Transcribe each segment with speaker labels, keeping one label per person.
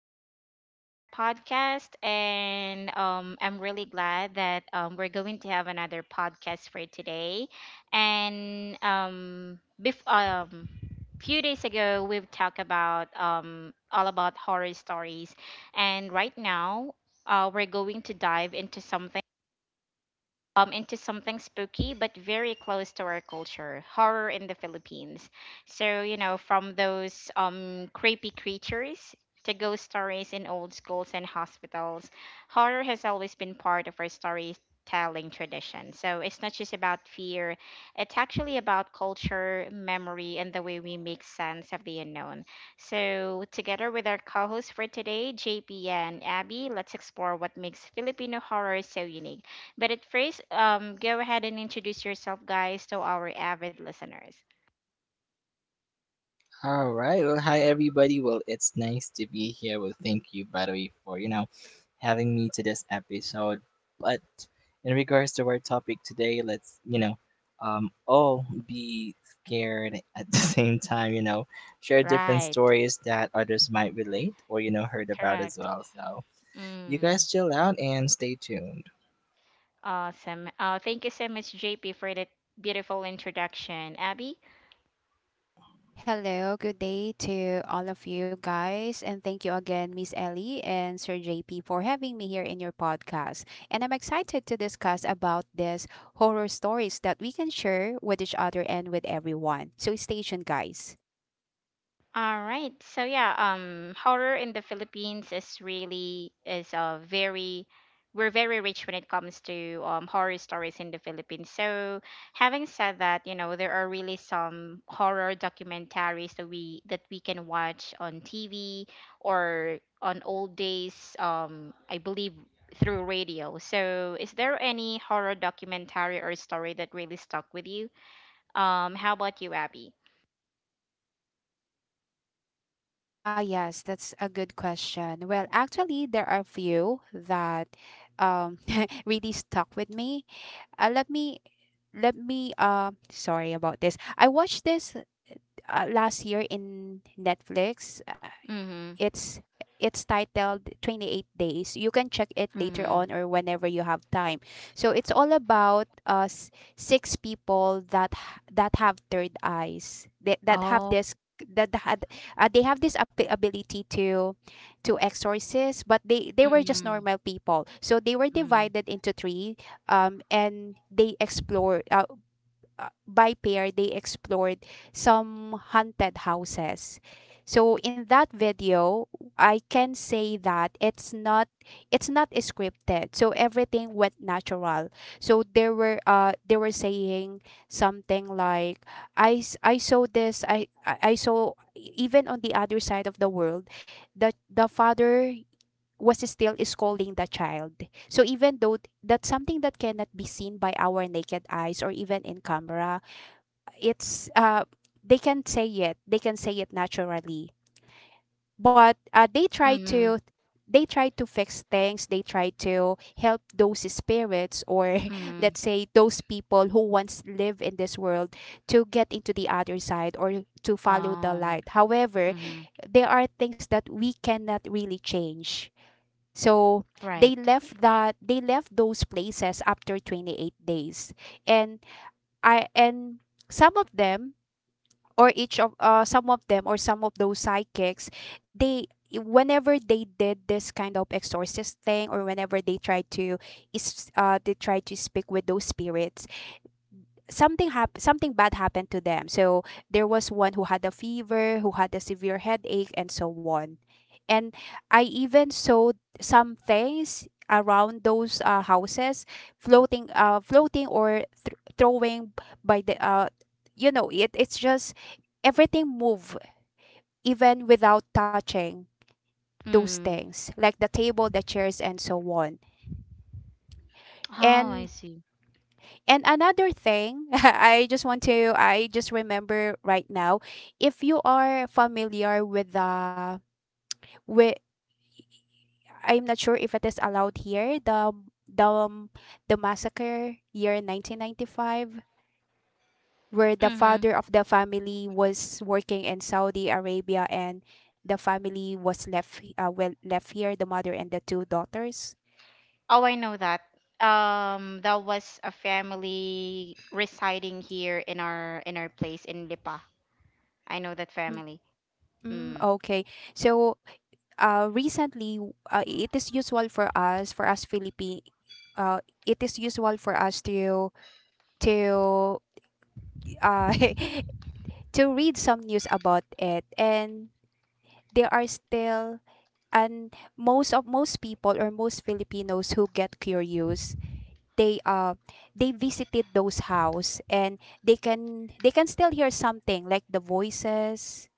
Speaker 1: back, everyone, to our podcast. And I'm really glad that we're going to have another podcast for today. And few days ago, we've talked about all about horror stories. And right now, we're going to dive into something spooky but very close to our culture, horror in the Philippines. So, you know, from those creepy creatures to ghost stories in old schools and hospitals, horror has always been part of our storytelling tradition. So it's not just about fear, it's actually about culture, memory, and the way we make sense of the unknown. So, together with our co host for today, JP and Abby, let's explore what makes Filipino horror so unique. But at first, go ahead and introduce yourself, guys, to our avid listeners.
Speaker 2: All right. Well, hi everybody. Well, it's nice to be here. Well, thank you by the way for having me to this episode. But in regards to our topic today, let's all be scared at the same time. You know, share different
Speaker 1: Right.
Speaker 2: stories that others might relate or heard about as
Speaker 1: Correct.
Speaker 2: well. So you
Speaker 1: Mm,
Speaker 2: guys chill out and stay tuned.
Speaker 1: awesome. Thank you so much, JP, for that beautiful introduction. Abby,
Speaker 3: Hello, good day to all of you guys, and thank you again, Miss Ellie and Sir JP, for having me here in your podcast. And I'm excited to discuss about this horror stories that we can share with each other and with everyone. So stay tuned, guys.
Speaker 1: all right. So yeah, horror in the Philippines is a very we're very rich when it comes to horror stories in the Philippines. So, having said that, you know there are really some horror documentaries that we can watch on TV or on old days. I believe through radio. So, is there any horror documentary or story that really stuck with you? How about you, Abby?
Speaker 3: Ah, yes, that's a good question. Well, actually, there are few that um really stuck with me. Uh, let me let me sorry about this. I watched this last year in Netflix. uh,
Speaker 1: Mm-hmm.
Speaker 3: it's it's titled 28 days, you can check it later
Speaker 1: Mm-hmm.
Speaker 3: on or whenever you have time. So it's all about six people that have third eyes, that have
Speaker 1: Oh.
Speaker 3: this that had they have this ability to exorcist, but they were just
Speaker 1: Mhm.
Speaker 3: normal people, so they were
Speaker 1: Mhm.
Speaker 3: divided into three. And they explore. By pair they explored some haunted houses. So in that video, I can say that it's not scripted. So everything went natural. So there were they were saying something like, I saw this, I saw, even on the other side of the world, that the father was still scolding the child. So even though that's something that cannot be seen by our naked eyes or even in camera, it's they can say it naturally. But
Speaker 1: Mhm.
Speaker 3: they try to fix things, they try to help those spirits, or
Speaker 1: Mhm.
Speaker 3: let's say those people who once live in this world to get into the other side or to follow the
Speaker 1: Um.
Speaker 3: light. However,
Speaker 1: Mhm.
Speaker 3: there are things that we cannot really change. So
Speaker 1: Right.
Speaker 3: they left those places after 28 days. And i and some of them, or each of some of them, or some of those psychics, they, whenever they did this kind of exorcist thing, or whenever they tried to is they tried to speak with those spirits, something bad happened to them. So there was one who had a fever, who had a severe headache, and so on. And I even saw some things around those houses floating, floating or throwing by the you know it it's just everything move even without touching, those
Speaker 1: Mm.
Speaker 3: things like the table, the chairs, and so on.
Speaker 1: Oh, I
Speaker 3: and
Speaker 1: see.
Speaker 3: and another thing, I just remember right now, if you are familiar with the with I'm not sure if it is allowed here, the um, the massacre year 1995, where the
Speaker 1: Mhm.
Speaker 3: father of the family was working in Saudi Arabia, and the family was left well, left here, the mother and the two daughters.
Speaker 1: Oh, I know that. That was a family residing here in our place in Lipa. I know that
Speaker 3: Mm,
Speaker 1: family.
Speaker 3: mm,
Speaker 1: Mm.
Speaker 3: okay. So recently, it is usual for us, Philippine, it is usual for us to uh to read some news about it. And there are still, and most of most people, or most Filipinos, who get curious, they uh they visited those house. And they can still hear something like the voices,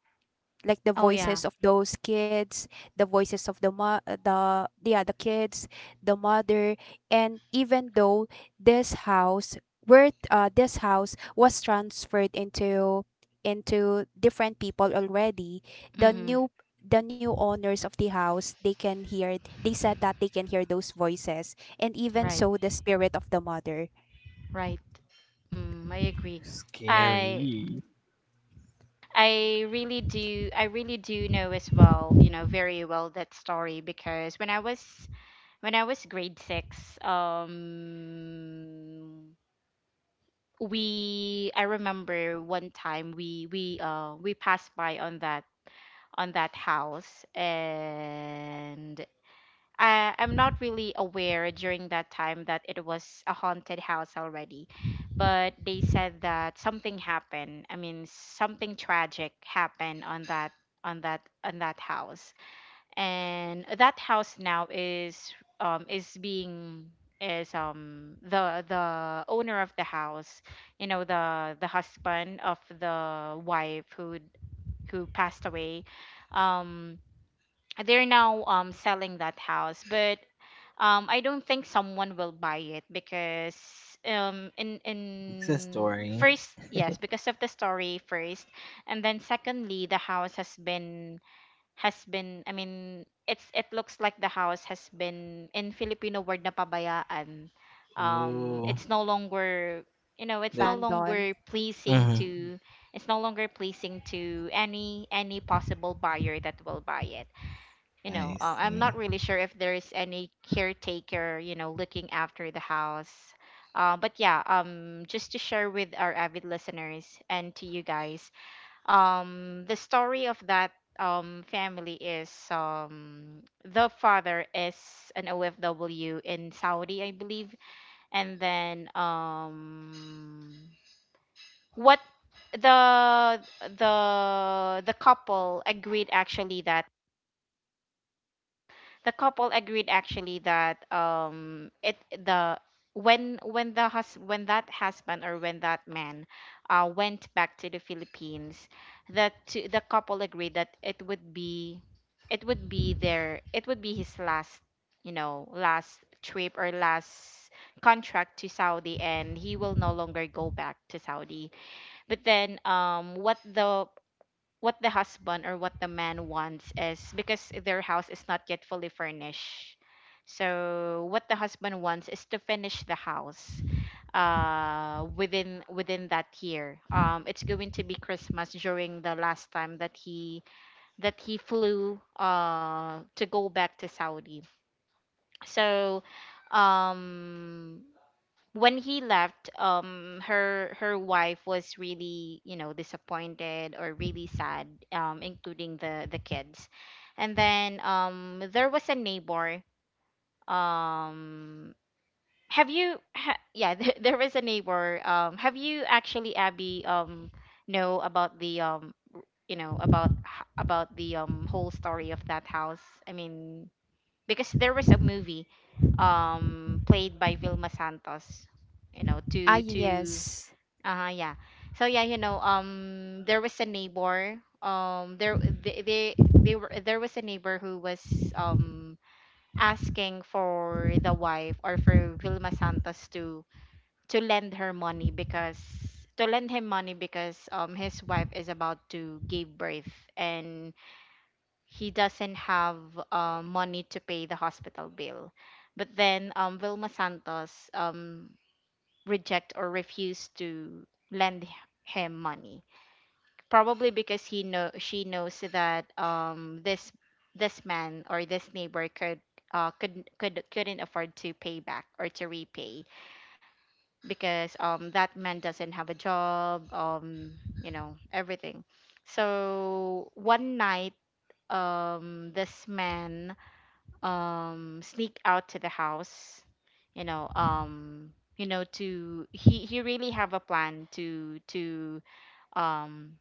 Speaker 3: like the
Speaker 1: Oh yeah.
Speaker 3: voices of those kids, the voices of the, yeah, the kids, the mother. And even though this house, where this house was transferred into different people already, the
Speaker 1: Mhm.
Speaker 3: new owners of the house, they can hear, they said that they can hear those voices, and even
Speaker 1: Right.
Speaker 3: so the spirit of the mother.
Speaker 1: Right. Mm, I agree. I
Speaker 2: Scary.
Speaker 1: I really do know as well, you know, very well that story because when I was grade six, we I remember one time we passed by on that house and I'm not really aware during that time that it was a haunted house already, but they said that something happened. I mean, something tragic happened on that on that on that house, and that house now is being is the owner of the house, you know, the husband of the wife who passed away. um they're now selling that house, but I don't think someone will buy it because
Speaker 2: It's a
Speaker 1: in
Speaker 2: story.
Speaker 1: first, yes, because of the story first, and then secondly the house has been I mean it's it looks like the house has been in Filipino word na pabayaan.
Speaker 2: Ooh.
Speaker 1: It's no longer, you know, it's
Speaker 2: Like.
Speaker 1: no
Speaker 3: Abandon.
Speaker 1: longer pleasing
Speaker 2: Mhm.
Speaker 1: to it's no longer pleasing to any possible buyer that will buy it, you know.
Speaker 2: I
Speaker 1: I'm not
Speaker 2: see.
Speaker 1: really sure if there is any caretaker, you know, looking after the house. But yeah, just to share with our avid listeners and to you guys the story of that family is the father is an OFW in Saudi, I believe. And then um what the the couple agreed actually that the couple agreed actually that it the when the hus when that husband or when that man went back to the Philippines, the couple agreed that it would be their it would be his last, you know, last trip or last contract to Saudi, and he will no longer go back to Saudi. But then um what the what the husband or what the man wants is because their house is not yet fully furnished. So what the husband wants is to finish the house within that year. Um, it's going to be Christmas during the last time that he flew to go back to Saudi. So um when he left, her wife was really, you know, disappointed or really sad, including the kids. And then there was a neighbor. Um, have you? Yeah, there was a neighbor. Have you actually, Abby, know about the you know, about about the whole story of that house? I mean, because there was a movie played by Vilma Santos, you know,
Speaker 3: Ah,
Speaker 1: to
Speaker 3: yes.
Speaker 1: uh-huh, yeah. So yeah, you know, there was a neighbor, there they were there was a neighbor who was um asking for the wife or for Vilma Santos to to lend her money because lend him money because his wife is about to give birth and he doesn't have money to pay the hospital bill. But then Vilma Santos reject or refuse to lend him money, probably because he know she knows that this man or this neighbor could. Couldn't afford to pay back or to repay because that man doesn't have a job, you know, everything. So one night this man sneak out to the house, you know, you know to he really have a plan to um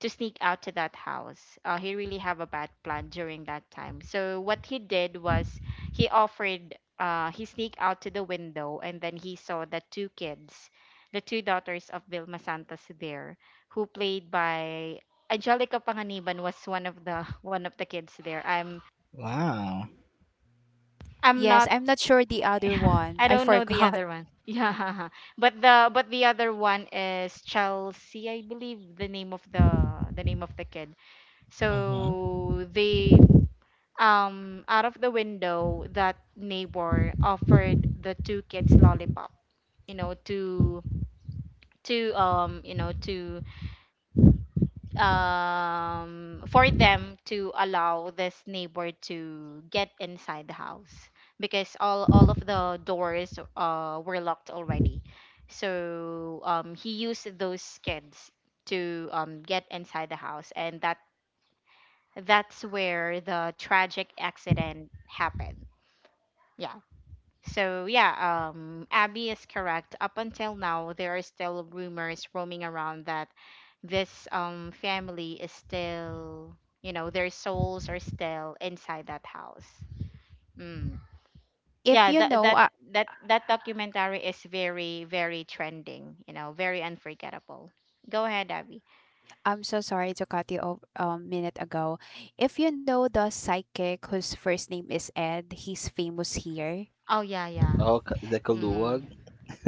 Speaker 1: sneak out to that house. He really have a bad plan during that time, so what he did was he offered he sneaked out to the window, and then he saw the two kids, the two daughters of Vilma Santos there, who played by Angelica Panganiban was one of the one of the kids there. I'm
Speaker 2: Wow.
Speaker 1: I'm
Speaker 3: Yes,
Speaker 1: not
Speaker 3: I'm not sure the other one,
Speaker 1: I
Speaker 3: I
Speaker 1: don't know the
Speaker 3: forgot.
Speaker 1: other one. Yeah, but the other one is Chelsea, I believe the name of the name of the kid.
Speaker 2: Mm-hmm.
Speaker 1: So they, out of the window, that neighbor offered the two kids lollipop, you know, to to um you know to for them to allow this neighbor to get inside the house because all of the doors were locked already. So he used those kids to get inside the house, and that's where the tragic accident happened. Yeah. So yeah, Abby is correct. Up until now there are still rumors roaming around that this family is still, you know, their souls are still inside that house. Mm.
Speaker 3: If
Speaker 1: Yeah,
Speaker 3: you
Speaker 1: that
Speaker 3: know
Speaker 1: that that that documentary is very, very trending, you know, very unforgettable. Go ahead, Abby.
Speaker 3: I'm so sorry to cut you off a minute ago. If you know the psychic whose first name is Ed, he's famous here.
Speaker 1: Oh yeah, yeah.
Speaker 2: Oh, ca- the
Speaker 1: Mm-hmm.
Speaker 2: kaluwag.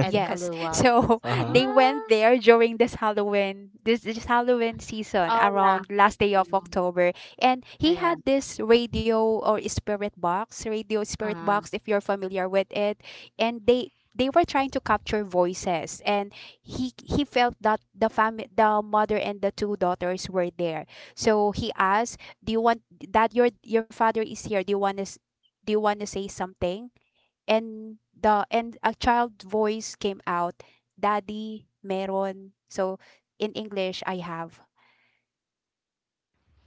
Speaker 1: Ed
Speaker 3: Yes.
Speaker 1: Kaluwag.
Speaker 3: So
Speaker 2: Uh-huh.
Speaker 3: they
Speaker 1: Mm.
Speaker 3: went there during this Halloween, this Halloween season,
Speaker 1: Oh yeah.
Speaker 3: around last day of
Speaker 1: Mhm.
Speaker 3: October. And
Speaker 1: Oh
Speaker 3: he
Speaker 1: yeah.
Speaker 3: had this radio, or spirit box, radio spirit
Speaker 1: Uh,
Speaker 3: box, if you're familiar with it. And they were trying to capture voices, and he felt that the family, the mother, and the two daughters were there. So he asked, do you want that your father is here, do you want do you want to say something? And a child voice came out, "Daddy, meron." So in English, I have.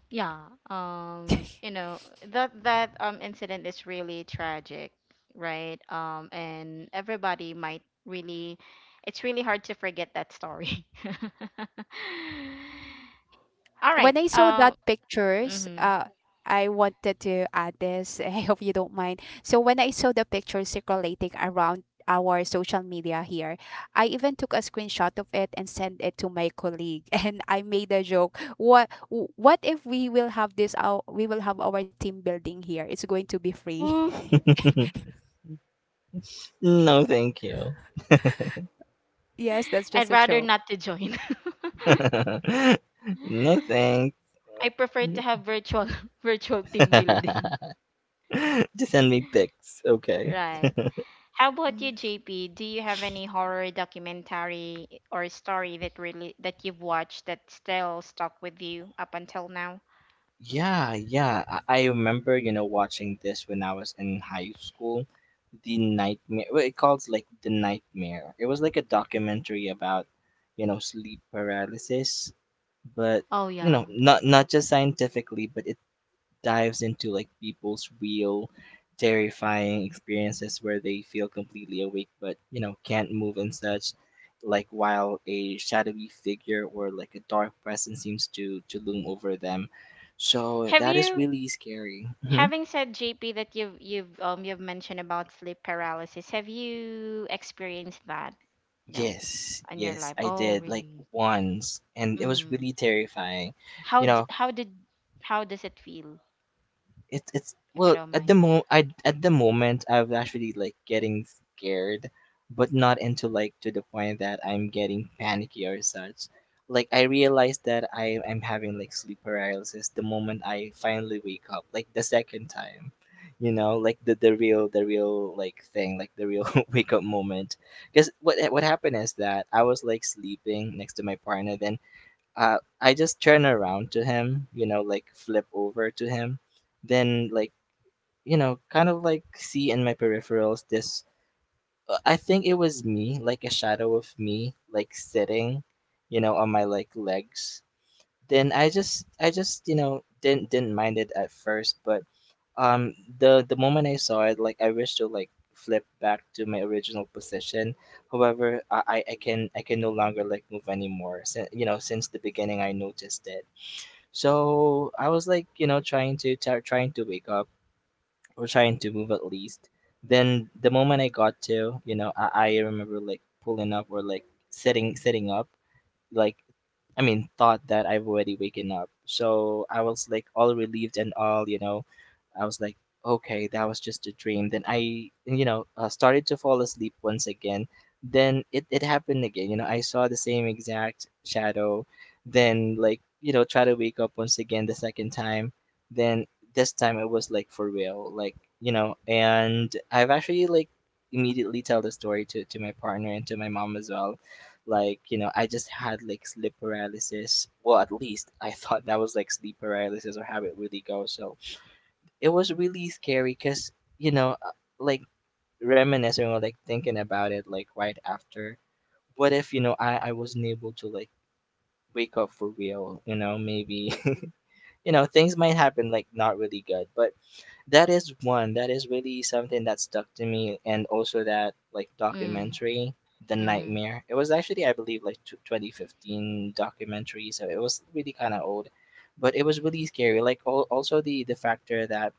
Speaker 1: yeah, you know, that incident is really tragic, right? And everybody might really it's really hard to forget that story. All right.
Speaker 3: When I saw that pictures,
Speaker 1: Mhm.
Speaker 3: I wanted to add this. I hope you don't mind. So when I saw the pictures circulating around our social media here, I even took a screenshot of it and sent it to my colleague, and I made a joke. What what if we will have this? Our We will have our team building here. It's going to be free.
Speaker 1: Ooh,
Speaker 2: No, thank you.
Speaker 3: Yes, that's just
Speaker 1: I'd
Speaker 3: a
Speaker 1: rather
Speaker 3: show.
Speaker 1: not to join.
Speaker 2: No, thanks.
Speaker 1: I prefer to have virtual virtual team building.
Speaker 2: Just send me pics, okay?
Speaker 1: Right. How about you,
Speaker 3: Mhm.
Speaker 1: JP? Do you have any horror documentary or story that really that you've watched that still stuck with you up until now?
Speaker 2: Yeah, yeah. I remember, you know, watching this when I was in high school. The Nightmare. Well, it calls like The Nightmare. It was like a documentary about, you know, sleep paralysis, but
Speaker 1: Oh
Speaker 2: you
Speaker 1: yeah.
Speaker 2: know, not just scientifically, but dives into like people's real terrifying experiences where they feel completely awake but you know can't move and such like while a shadowy figure or like a dark presence seems to loom over them so
Speaker 1: Have
Speaker 2: that is
Speaker 1: you,
Speaker 2: really scary. Hmm.
Speaker 1: having said JP that you've mentioned about sleep paralysis, have you experienced that, you know,
Speaker 2: Yes,
Speaker 1: in your
Speaker 2: yes
Speaker 1: life?
Speaker 2: I
Speaker 1: Oh,
Speaker 2: did like
Speaker 1: really?
Speaker 2: once and it was
Speaker 1: Mm.
Speaker 2: really terrifying.
Speaker 1: How
Speaker 2: You
Speaker 1: d
Speaker 2: know,
Speaker 1: how did how does it feel,
Speaker 2: it's
Speaker 1: if you
Speaker 2: well
Speaker 1: don't
Speaker 2: at
Speaker 1: mind?
Speaker 2: the mo I at the moment I'm actually like getting scared, but not into like to the point that I'm getting panicky or such. Like I realized that I am having like sleep paralysis the moment I finally wake up, like the second time. You know, like the real like thing, like the real wake up moment. Because what happened is that I was like sleeping next to my partner, then I just turn around to him, you know, like flip over to him, then like you know, kind of like see in my peripherals this. I think it was me, like a shadow of me, like sitting, you know, on my like legs. Then I just, you know, didn't mind it at first, but the moment I saw it, like I wish to like flip back to my original position. However, I can no longer like move anymore. Since you know, since the beginning, I noticed it so I was like, you know, trying to wake up or trying to move at least. Then the moment I got to, you know, I remember like pulling up or like sitting up like I mean thought that I've already waken up. So I was like all relieved and all, you know. I was like, okay, that was just a dream. Then I, you know, started to fall asleep once again. Then it happened again. You know, I saw the same exact shadow. Then, like, you know, try to wake up once again the second time. Then this time it was like for real. Like, you know, and I've actually like immediately tell the story to my partner and to my mom as well like, you know, I just had like sleep paralysis. Well, at least I thought that was like sleep paralysis or how it really goes. So it was really scary because, you know, like reminiscing or like thinking about it like right after. What if, you know, I wasn't able to like wake up for real? You know, maybe, you know, things might happen like not really good. But that is one. That is really something that stuck to me, and also that like
Speaker 1: Mm.
Speaker 2: documentary, The
Speaker 1: Mm.
Speaker 2: Nightmare. It was actually, I believe, like tw 2015 documentary, so it was really kind of old, but it was really scary. Like al also the factor that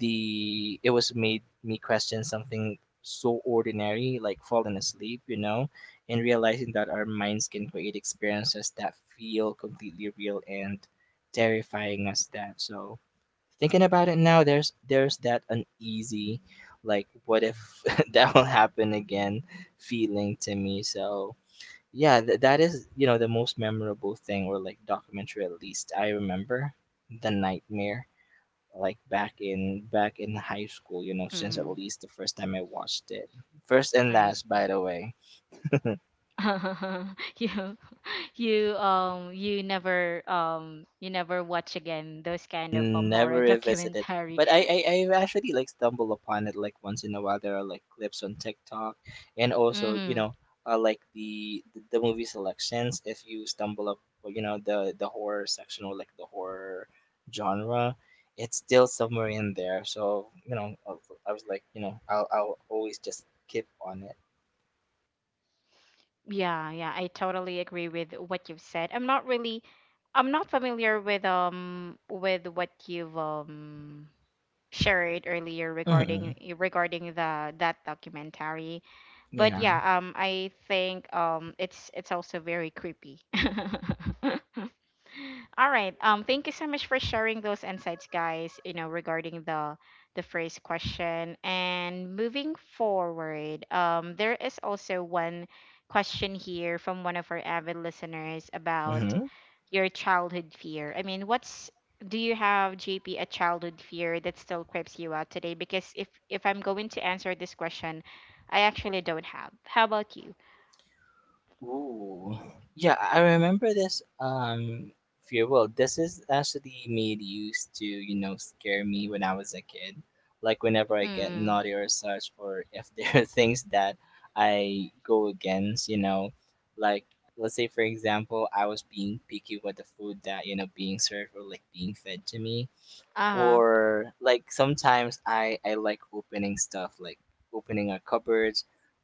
Speaker 2: the it was made me question something so ordinary, like falling asleep, you know, and realizing that our minds can create experiences that feel completely real and terrifying as that. So thinking about it now, there's that uneasy, like what if that will happen again, feeling to me. So yeah, that is you know the most memorable thing or like documentary at least I remember the nightmare like back in high school. You know, since at
Speaker 1: Mm.
Speaker 2: least the first time I watched it, first and
Speaker 1: I
Speaker 2: last
Speaker 1: see.
Speaker 2: by the way.
Speaker 1: Yeah. You never watch again those kind of
Speaker 2: Never
Speaker 1: horror
Speaker 2: revisited.
Speaker 1: documentary.
Speaker 2: But I've actually like stumbled upon it like once in a while. There are like clips on TikTok and also, you
Speaker 1: Mm-hmm.
Speaker 2: know, like the movie selections if you stumble up well, you know the horror section or like the horror genre, it's still somewhere in there. So, you know, I was like, you know, I'll always just keep on it.
Speaker 1: Yeah, yeah, I totally agree with what you've said. I'm not familiar with what you've shared earlier regarding
Speaker 2: Hmm.
Speaker 1: regarding the that documentary. But
Speaker 2: Yeah.
Speaker 1: yeah, I think it's also very creepy. All right. Thank you so much for sharing those insights, guys, you know, regarding the first question. And moving forward, there is also one question here from one of our avid listeners about
Speaker 2: Hmm.
Speaker 1: your childhood fear. I mean, what's do you have, JP, a childhood fear that still creeps you out today? Because if I'm going to answer this question, I actually don't have. How about you?
Speaker 2: Ooh. Yeah, I remember this fear. Well, this is actually made used to, you know, scare me when I was a kid. Like whenever I get
Speaker 1: Mm,
Speaker 2: naughty or such, or if there are things that I go against, you know, like let's say for example, I was being picky with the food that, you know, being served or like being fed to me
Speaker 1: uh-huh.
Speaker 2: or like sometimes I like opening stuff like opening a cupboard,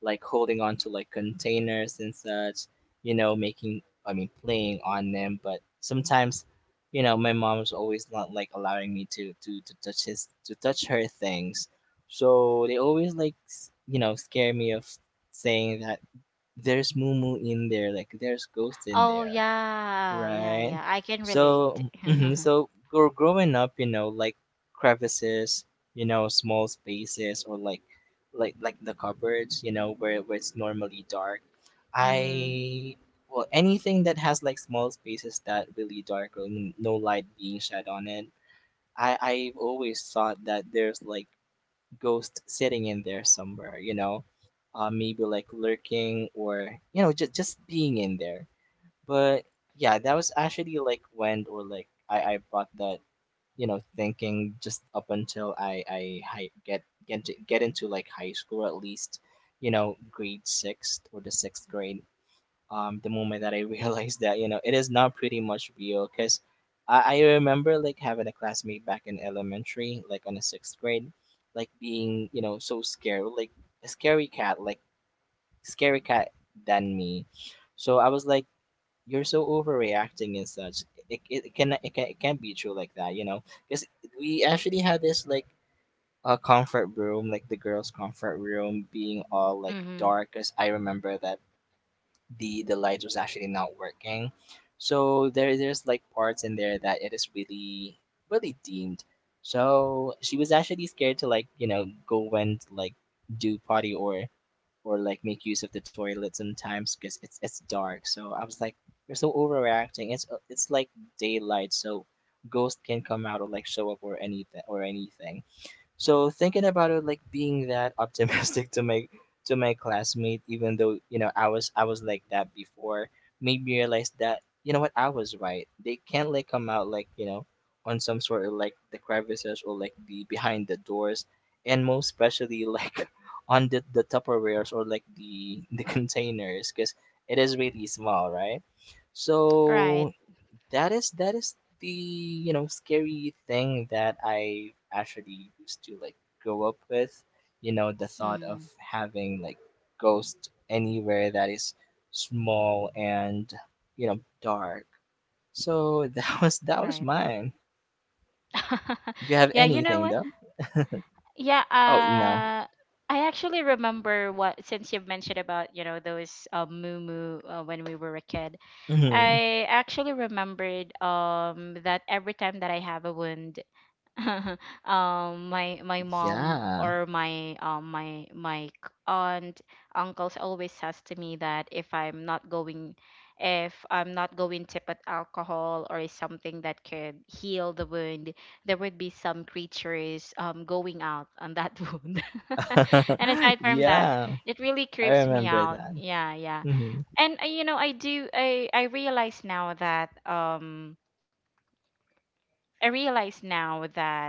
Speaker 2: like holding on to like containers and such, you know, making I mean playing on them, but sometimes you know my mom's always not like allowing me to touch his to touch her things. So they always like you know scare me of saying that there's moo in there, like there's ghost in
Speaker 1: Oh
Speaker 2: there.
Speaker 1: yeah, yeah,
Speaker 2: Right.
Speaker 1: yeah. I can relate.
Speaker 2: So, mhm, so growing up, you know, like crevices, you know, small spaces, like the cupboards, you know, where it's normally dark.
Speaker 1: Mm-hmm.
Speaker 2: I well, anything that has like small spaces that really dark or no light being shed on it. I've always thought that there's like ghost sitting in there somewhere, you know, maybe like lurking or you know just being in there. But yeah, that was actually like when or like I bought that you know thinking just up until get get into like high school at least you know grade sixth or the sixth grade. The moment that I realized that you know it is not pretty much real because. I remember like having a classmate back in elementary, like on the sixth grade, like being, you know, so scared, like a scary cat, like scary cat than me. So I was like, you're so overreacting and such. It can it can not be true like that, you know. Because we actually had this like a comfort room, like the girls' comfort room, being all like
Speaker 1: Mm-hmm.
Speaker 2: dark. Because I remember that the lights was actually not working, so there's like parts in there that it is really really deemed. So she was actually scared to like you know go and like do potty or like make use of the toilet sometimes because it's dark. So I was like, you're so overreacting. It's like daylight, so ghosts can come out or like show up or anything or anything. So thinking about it, like being that optimistic to my classmate, even though you know I was like that before, made me realize that you know what I was right. They can't like come out like you know on some sort of like the crevices or like the behind the doors, and most especially like on the Tupperwares or like the containers, because it is really small, right?
Speaker 1: Right.
Speaker 2: So that is you know, scary thing that I actually used to like grow up with, you know, the thought
Speaker 1: Mm.
Speaker 2: of having like ghosts anywhere that is small and, you know, dark. So that was
Speaker 1: Right.
Speaker 2: mine. Do you have
Speaker 1: Yeah, you know
Speaker 2: anything
Speaker 1: what?
Speaker 2: though?
Speaker 1: Yeah,
Speaker 2: Oh, no.
Speaker 1: I actually remember what since you've mentioned about, you know, those moo moo, when we were a kid.
Speaker 2: Hmm.
Speaker 1: I actually remembered that every time that I have a wound, my my mom
Speaker 2: Yeah.
Speaker 1: or my aunt uncles always says to me that if I'm not going to put alcohol or something that could heal the wound, there would be some creatures going out on that wound. And aside from that,
Speaker 2: Yeah.
Speaker 1: it really
Speaker 2: I
Speaker 1: creeps me
Speaker 2: remember
Speaker 1: out.
Speaker 2: that.
Speaker 1: Yeah, yeah.
Speaker 2: Hmm.
Speaker 1: And you know, I realize now that I realize now that,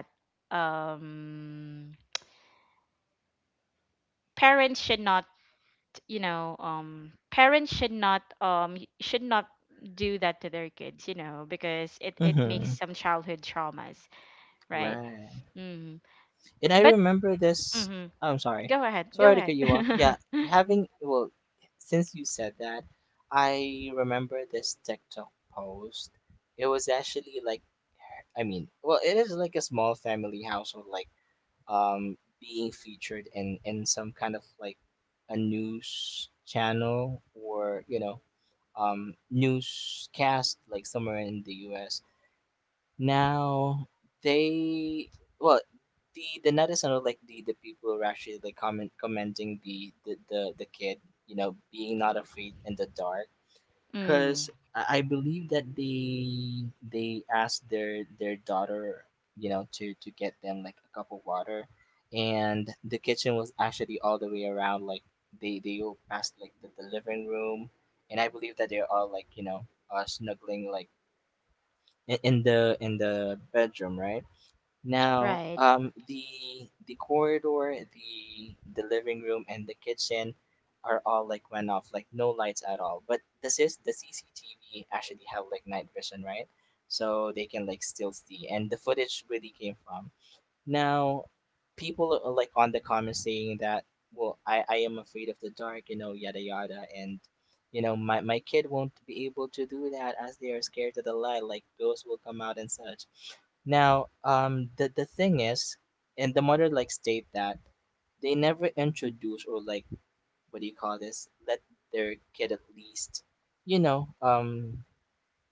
Speaker 1: um, parents should not, you know, parents should not should not do that to their kids, you know, because it makes
Speaker 2: Hmm.
Speaker 1: some childhood traumas, right?
Speaker 2: Right.
Speaker 1: Mm.
Speaker 2: And I
Speaker 1: But
Speaker 2: remember this.
Speaker 1: hmm
Speaker 2: I'm sorry.
Speaker 1: go ahead, go
Speaker 2: Sorry to
Speaker 1: ahead.
Speaker 2: cut you off. Yeah, having, well, since you said that, I remember this TikTok post. It was actually like, it is like a small family household, like, being featured in some kind of like a news channel or, newscast, like somewhere in the US now. they well the netizens or like the people who are actually like commenting the kid, you know, being not afraid in the dark. Because
Speaker 1: Mm.
Speaker 2: I believe that they asked their daughter, you know, to get them like a cup of water. And the kitchen was actually all the way around, like they all passed like the living room. And I believe that they're all like, you know, snuggling like in the bedroom, right? Now,
Speaker 1: Right,
Speaker 2: the corridor, the living room, and the kitchen are all like went off, like no lights at all. But this is the CCTV actually have like night vision, right? So they can like still see, and the footage really came from. Now, people are, like, on the comments saying that, well, I am afraid of the dark, you know, yada yada, and you know, my kid won't be able to do that as they are scared of the light, like ghosts will come out and such. Now, the thing is, and the mother like state that they never introduce or like what do you call this? Let their kid at least, you know,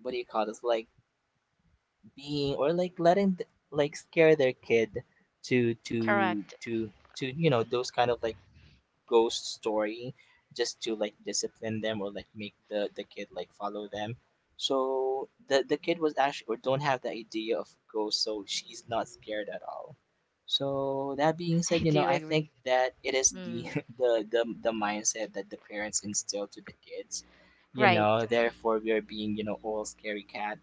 Speaker 2: what do you call this? Like being or like letting like scare their kid to to
Speaker 1: correct.
Speaker 2: to to, you know, those kind of like ghost story, just to like discipline them or like make the kid like follow them. So the kid was actually or don't have the idea of ghosts, so she's not scared at all. So that being
Speaker 1: I
Speaker 2: said, you know,
Speaker 1: do
Speaker 2: I
Speaker 1: agree.
Speaker 2: think that it is the
Speaker 1: Mm.
Speaker 2: the mindset that the parents instill to the kids, you
Speaker 1: Right.
Speaker 2: know. Therefore we are being, you know, all scary cat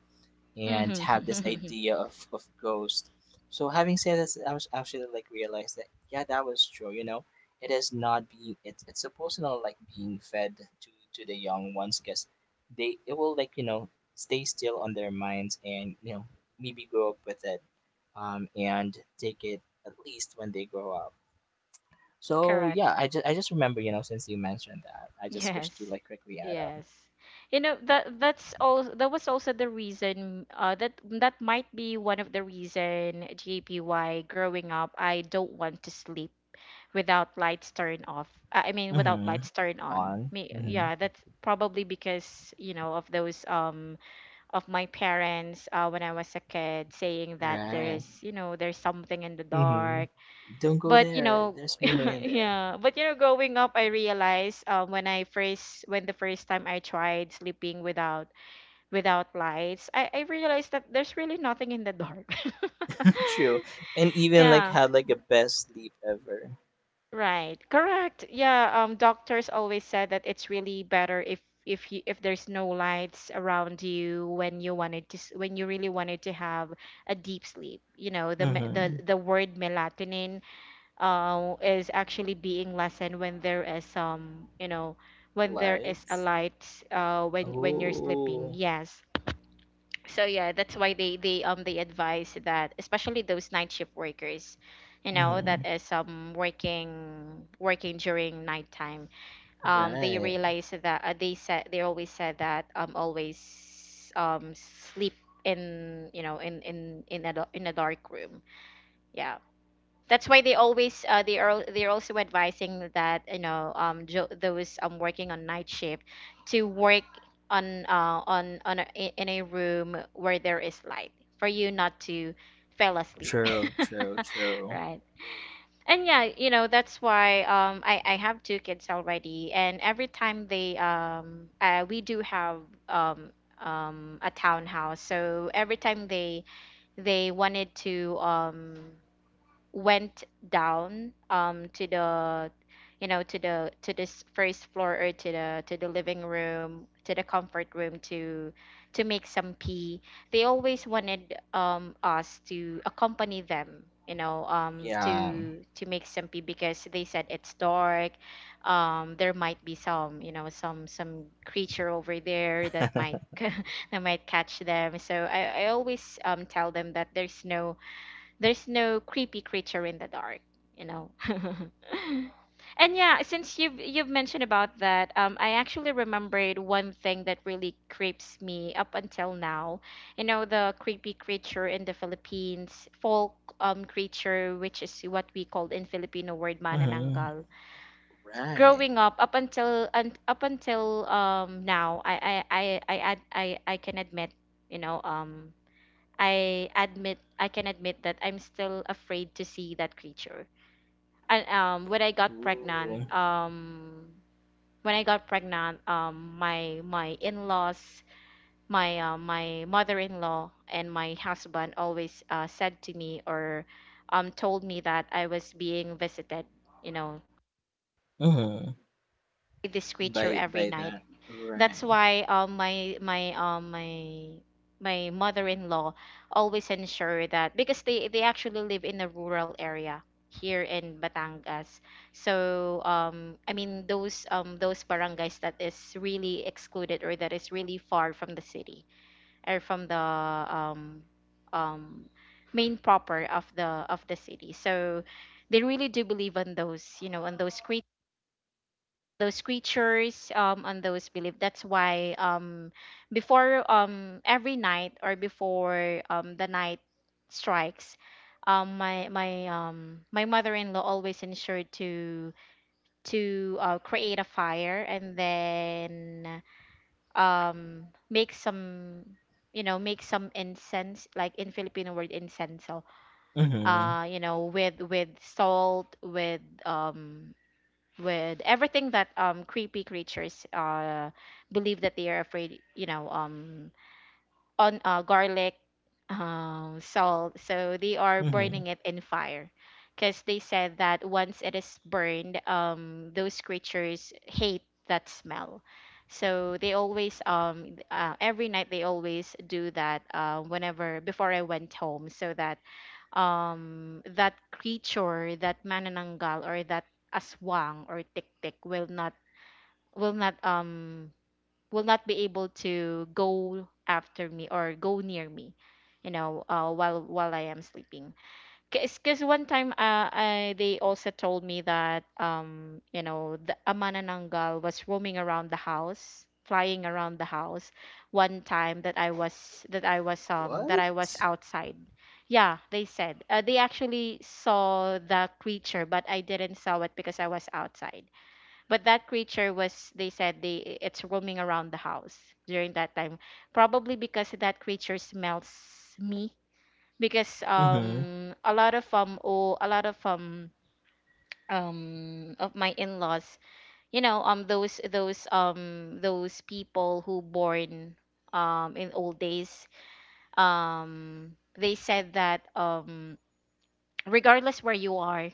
Speaker 1: Hmm.
Speaker 2: and have this idea of, ghost. So having said this, I was actually like realized that, yeah, that was true. You know, it is not being, it's supposed to not like being fed to the young ones, because they, it will like, you know, stay still on their minds, and you know, maybe grow up with it, and take it at least when they grow up. So
Speaker 1: Correct.
Speaker 2: yeah, I just remember, you know, since you mentioned that, I just wish to
Speaker 1: Yes.
Speaker 2: like quickly add up.
Speaker 1: Yes. You know that that's all that was also the reason that might be one of the reason JP why growing up I don't want to sleep without lights turned off. I mean without
Speaker 2: Mm-hmm.
Speaker 1: lights turned on.
Speaker 2: On.
Speaker 1: Me,
Speaker 2: Mm-hmm.
Speaker 1: yeah, that's probably because, you know, of those of my parents when I was a kid saying that
Speaker 2: Right.
Speaker 1: there's, you know, there's something in the
Speaker 2: Mm-hmm.
Speaker 1: dark
Speaker 2: Don't go
Speaker 1: but you
Speaker 2: there.
Speaker 1: know.
Speaker 2: There's Momo in there.
Speaker 1: Yeah, but you know, growing up I realized, when the first time I tried sleeping without lights I realized that there's really nothing in the dark.
Speaker 2: True. And even like
Speaker 1: Yeah,
Speaker 2: had like the best sleep ever.
Speaker 1: right, correct, yeah. Doctors always said that it's really better if you if there's no lights around you when you when you really wanted to have a deep sleep, you know. the me- the
Speaker 2: Mm-hmm.
Speaker 1: the word melatonin, is actually being lessened when there is, when there is a
Speaker 2: Lights.
Speaker 1: light, when you're sleeping.
Speaker 2: Oh.
Speaker 1: Yes. So yeah, that's why they advise that, especially those night shift workers, you know,
Speaker 2: Mm-hmm.
Speaker 1: that is, um, working during nighttime. They
Speaker 2: Right.
Speaker 1: realize that, they said, they always said that, um, always, um, sleep in, you know, in a, in a dark room. Yeah. That's why they always, they're also advising that, you know, those, um, working on night shift to work on, on a, in a room where there is light, for you not to fall asleep.
Speaker 2: True, true, true.
Speaker 1: Right. And yeah, you know, that's why, um, I have two kids already, and every time they we do have, um a townhouse, so every time they wanted to, um, went down, um, to the, you know, to the to this first floor, or to the living room, to the comfort room, to make some pee, they always wanted, um, us to accompany them, you know, um,
Speaker 2: Yeah.
Speaker 1: to make some pee, because they said it's dark. Um, there might be some, you know, some creature over there that might, that might catch them. So I always, um, tell them that there's no, there's no creepy creature in the dark, you know. And yeah, since you've mentioned about that, I actually remembered one thing that really creeps me up until now. You know, the creepy creature in the Philippines, folk, um, creature, which is what we call in Filipino word
Speaker 2: Mm-hmm.
Speaker 1: manananggal.
Speaker 2: Right.
Speaker 1: Growing up, up until, um, now, I, I can admit, you know, um, I admit, I can admit that I'm still afraid to see that creature. And when I got
Speaker 2: Ooh.
Speaker 1: pregnant, my, in-laws, my, mother-in-law and my husband always, said to me or, told me that I was being visited, you know,
Speaker 2: Mm-hmm.
Speaker 1: by this creature every
Speaker 2: By
Speaker 1: night.
Speaker 2: that.
Speaker 1: That's
Speaker 2: Right.
Speaker 1: why, my mother-in-law always ensure that, because they actually live in a rural area here in Batangas. So um, I mean those um, those barangays that is really excluded, or that is really far from the city or from the, um um main proper of the city. So they really do believe on those, you know, on those, creatures on those beliefs. That's why before every night, or before the night strikes, my mother-in-law always ensured to create a fire, and then make some, you know, make some incense, like in Filipino word incense. So,
Speaker 2: Mm-hmm.
Speaker 1: uh, you know, with, salt, with um, with everything that um, creepy creatures uh, believe that they are afraid, you know, um, on garlic, um, salt. So they are
Speaker 2: Mm-hmm.
Speaker 1: burning it in fire because they said that once it is burned, um, those creatures hate that smell. So they always, every night, they always do that, whenever before I went home, so that, um, that creature, that manananggal, or that aswang or tiktik will not, will not um will not be able to go after me or go near me, you know, while I am sleeping. Because one time, they also told me that, um, you know, the amanananggal was roaming around the house, flying around the house, one time that I was that I was
Speaker 2: What?
Speaker 1: outside. Yeah, they said, they actually saw the creature, but I didn't saw it because I was outside. But that creature was, they said, they it's roaming around the house during that time, probably because that creature smells me. Because
Speaker 2: Mm-hmm.
Speaker 1: um, a lot of um, oh, a lot of um, um, of my in-laws, you know, um, those people who born um, in old days, um, they said that um, regardless where you are,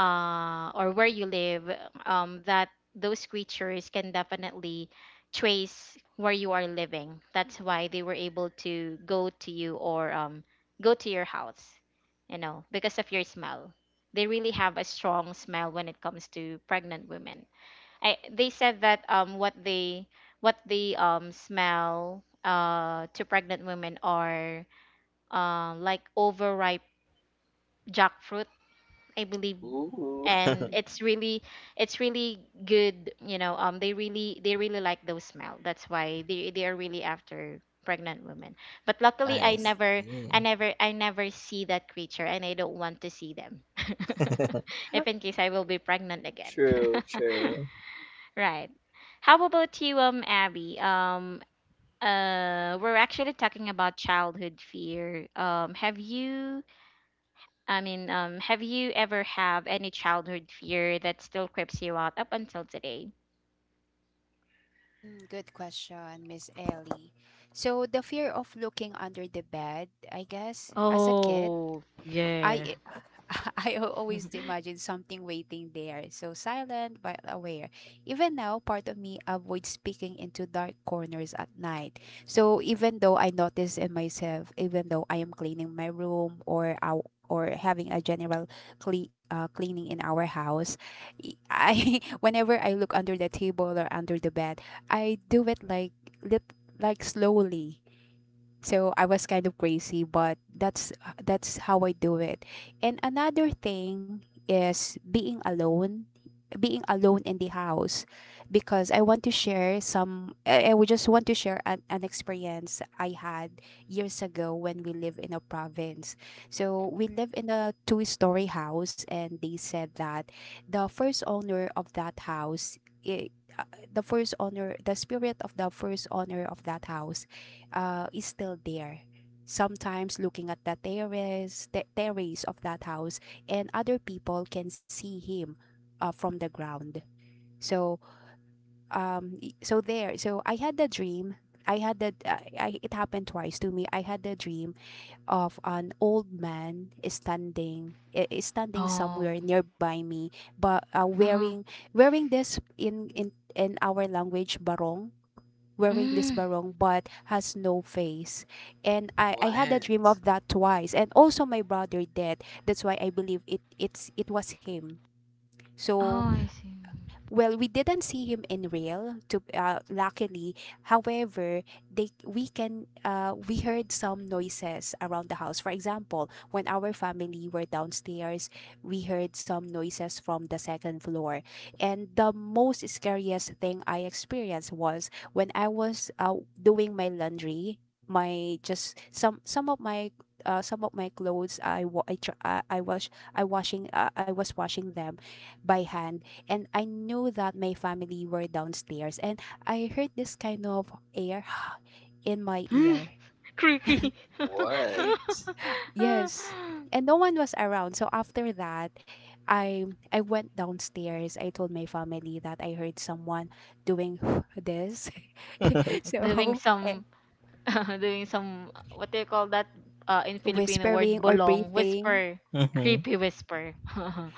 Speaker 1: or where you live, that those creatures can definitely trace where you are living. That's why they were able to go to you, or go to your house, you know, because of your smell. They really have a strong smell when it comes to pregnant women. They said that what they smell to pregnant women are, like overripe jackfruit, I believe.
Speaker 2: Ooh.
Speaker 1: And it's really, it's really good, you know, um, they really, they really like those smell. That's why they, are really after pregnant women. But luckily,
Speaker 2: I see.
Speaker 1: I never see that creature, and I don't want to see them. If in case I will be pregnant again.
Speaker 2: True, true.
Speaker 1: Right. How about you, um, Abby, um, we're actually talking about childhood fear, um, have you I mean, have you ever have any childhood fear that still creeps you out up until today?
Speaker 3: Mm, good question, Miss Ellie. So the fear of looking under the bed, I guess, as a kid,
Speaker 1: Oh, yeah.
Speaker 3: I I always imagine something waiting there, so silent but aware. Even now, part of me avoids speaking into dark corners at night. So even though I notice in myself, even though I am cleaning my room, or our or having a general cleaning in our house, I whenever I look under the table or under the bed, I do it like, like, slowly, so I was kind of crazy, but that's how I do it. And another thing is being alone, being alone in the house, because I want to share some, I would just want to share an experience I had years ago when we live in a province. So we live in a two-story house, and they said that the first owner of that house, i- uh, the first owner, the spirit of the first owner of that house, is still there, sometimes looking at the terrace, the terrace of that house, and other people can see him from the ground. So so there, so I had the dream, I had that I, it happened twice to me. I had the dream of an old man standing, is standing
Speaker 1: Oh,
Speaker 3: somewhere nearby me, but
Speaker 1: uh-huh.
Speaker 3: wearing, this in our language, barong, wearing this
Speaker 1: Mm.
Speaker 3: barong but has no face. And I had a dream
Speaker 2: What?
Speaker 3: of that twice, and also my brother dead, that's why I believe it, it was him. So,
Speaker 1: Oh, I
Speaker 3: well, we didn't see him in real. To luckily, however, they we can, we heard some noises around the house. For example, when our family were downstairs, we heard some noises from the second floor. And the most scariest thing I experienced was when I was doing my laundry. My, just some, some of my clothes, I was I was washing them by hand. And I knew that my family were downstairs, and I heard this kind of air, in my
Speaker 1: see.
Speaker 3: ear.
Speaker 1: Creepy.
Speaker 2: What?
Speaker 3: Yes. And no one was around. So after that, I I went downstairs. I told my family that I heard someone doing, this.
Speaker 1: Doing
Speaker 3: so eh,
Speaker 1: some, doing some, what do you call that in Filipino word?
Speaker 3: Whispering or
Speaker 1: Bolong,
Speaker 3: breathing.
Speaker 1: whisper,
Speaker 2: Hmm.
Speaker 1: creepy whisper.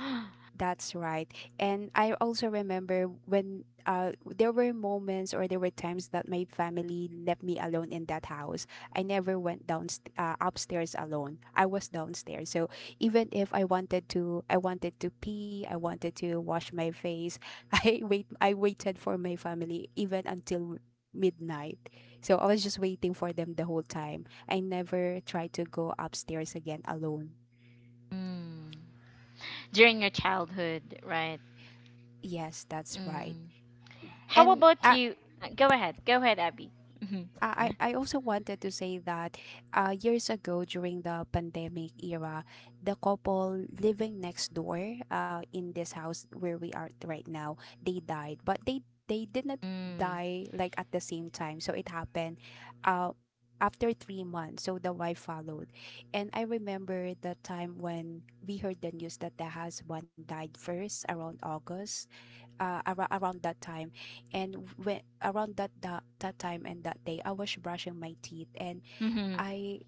Speaker 3: That's right. And I also remember when, there were moments, or there were times that my family left me alone in that house. I never went down, upstairs alone. I was downstairs. So even if I wanted to, I wanted to pee, I wanted to wash my face, I waited for my family even until midnight. So I was just waiting for them the whole time. I never tried to go upstairs again alone.
Speaker 1: Mm. During your childhood, right?
Speaker 3: Yes, that's right.
Speaker 1: Mm. How
Speaker 3: And
Speaker 1: about you? Go ahead. Go ahead, Abby. Mhm.
Speaker 3: I also wanted to say that, years ago during the pandemic era, the couple living next door, in this house where we are right now, they died, but they did not
Speaker 1: Mm.
Speaker 3: die like at the same time. So it happened, uh, after 3 months. So the wife followed, and I remember the time when we heard the news that the husband died first around August, around that time. And when around that time, and that day, I was brushing my teeth, and
Speaker 1: Mhm.
Speaker 3: I,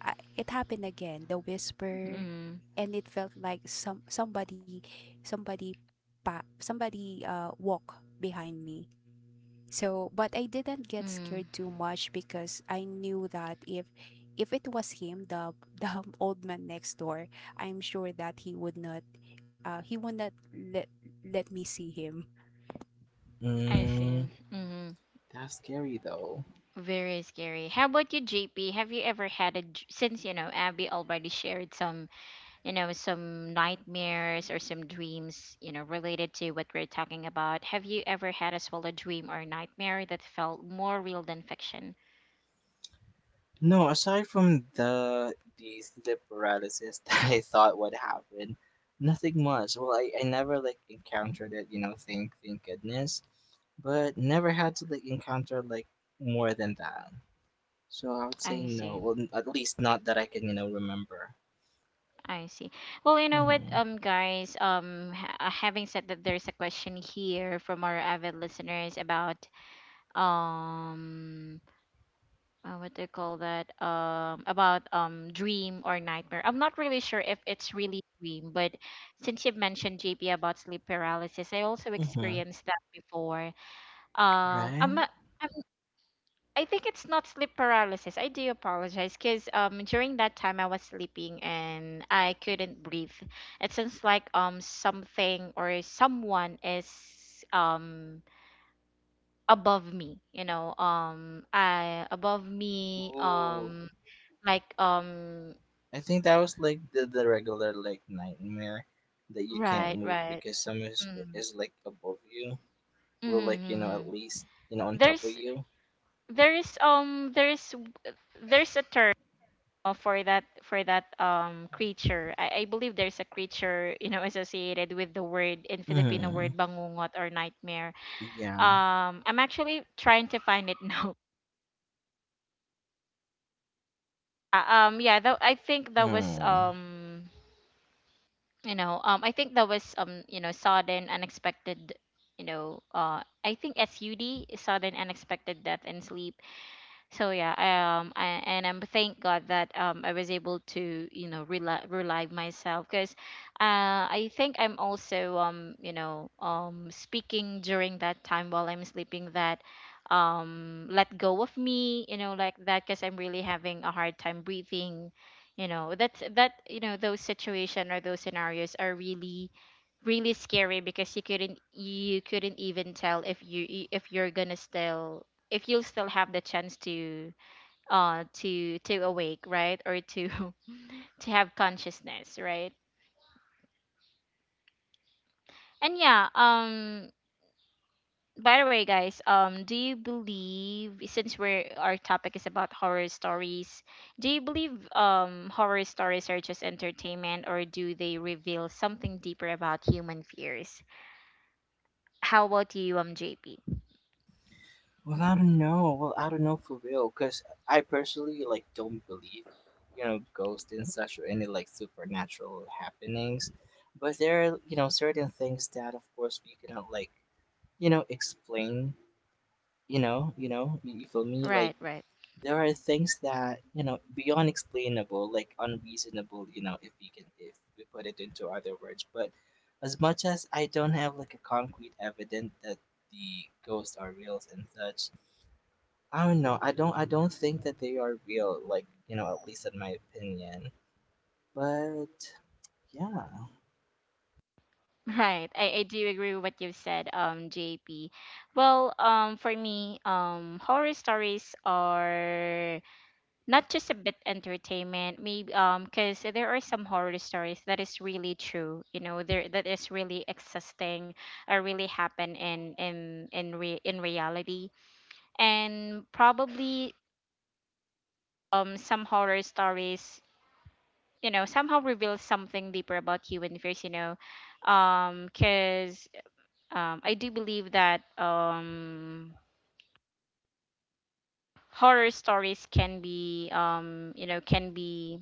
Speaker 3: I, it happened again, the whisper.
Speaker 1: Mm.
Speaker 3: And it felt like somebody, somebody somebody walk behind me. So, but I didn't get
Speaker 1: Mm.
Speaker 3: scared too much, because I knew that if it was him, the the old man next door, I'm sure that he would not, he would not let let me see him.
Speaker 1: I see.
Speaker 2: Mm.
Speaker 1: Mhm.
Speaker 2: That's scary though.
Speaker 1: Very scary. How about you, JP? Have you ever had a dr- since you know Abby already shared some, you know, some nightmares or some dreams, you know, related to what we're talking about? Have you ever had as well a dream or nightmare that felt more real than fiction?
Speaker 2: No, aside from the sleep paralysis that I thought would happen, nothing much. Well, I never like encountered it, you know, thank goodness. But never had to like encounter like more than that. So I would say
Speaker 1: I
Speaker 2: no.
Speaker 1: see.
Speaker 2: Well, at least not that I can, you know, remember.
Speaker 1: I see. Well, you know what,
Speaker 2: Mm-hmm.
Speaker 1: guys, having said that, there is a question here from our avid listeners about um, what do you call that? About dream or nightmare. I'm not really sure if it's really dream, but since you've mentioned JP about sleep paralysis, I also
Speaker 2: Mm-hmm.
Speaker 1: experienced that before. I'm
Speaker 2: Right?
Speaker 1: not. I think it's not sleep paralysis. I do apologize, because um, during that time I was sleeping and I couldn't breathe. It sounds like um, something or someone is um, above me, you know, I above me,
Speaker 2: Ooh.
Speaker 1: um, like um,
Speaker 2: I think that was like the regular like nightmare that you can't
Speaker 1: right,
Speaker 2: move
Speaker 1: right.
Speaker 2: because someone
Speaker 1: Mm.
Speaker 2: is like above you, or like you know at
Speaker 1: Mm-hmm,
Speaker 2: least you know
Speaker 1: mm-hmm.
Speaker 2: on top of
Speaker 1: There's,
Speaker 2: you.
Speaker 1: there's, a term for that, um, creature. I believe there's a creature, you know, associated with the word in Filipino word
Speaker 2: Hmm.
Speaker 1: bangungot, or nightmare.
Speaker 2: Yeah.
Speaker 1: I'm actually trying to find it now. Yeah, though I think that was
Speaker 2: Hmm.
Speaker 1: um, you know, um, I think that was um, you know, sudden unexpected, you know, uh, I think SUD, sudden unexpected death in sleep. So yeah, um, and I'm thank god that um, I was able to, you know, rely myself, because uh, I think I'm also um, you know, um, speaking during that time while I'm sleeping, that um, let go of me, you know, like that, because I'm really having a hard time breathing, you know. That's that, you know, those situation, or those scenarios, are really, scary because you couldn't, even tell if you, if you'll still have the chance to, to awake, right, or to, to have consciousness, right. And yeah, um, by the way, guys, um, do you believe, since we're, our topic is about horror stories, do you believe um, horror stories are just entertainment, or do they reveal something deeper about human fears? How about you, um, JP?
Speaker 2: Well, I don't know. Well, I don't know for real because I personally like don't believe, you know, ghosts and such, or any like supernatural happenings. But there are, you know, certain things that of course we cannot like, you know, explain. You know, you know, you feel me?
Speaker 1: Right,
Speaker 2: Like
Speaker 1: right.
Speaker 2: there are things that, you know, beyond explainable, like unreasonable, you know, if we can, if we put it into other words. But as much as I don't have like a concrete evidence that the ghosts are real and such, I don't know. I don't think that they are real, like, you know, at least in my opinion. But yeah.
Speaker 1: Right. I do agree with what you've said, JP. Well, for me, horror stories are not just a bit entertainment, maybe because there are some horror stories that is really true, you know, there that is really existing, or really happen in, in reality. And probably um, some horror stories, you know, somehow reveal something deeper about human fears, you know. 'Cause I do believe that horror stories can be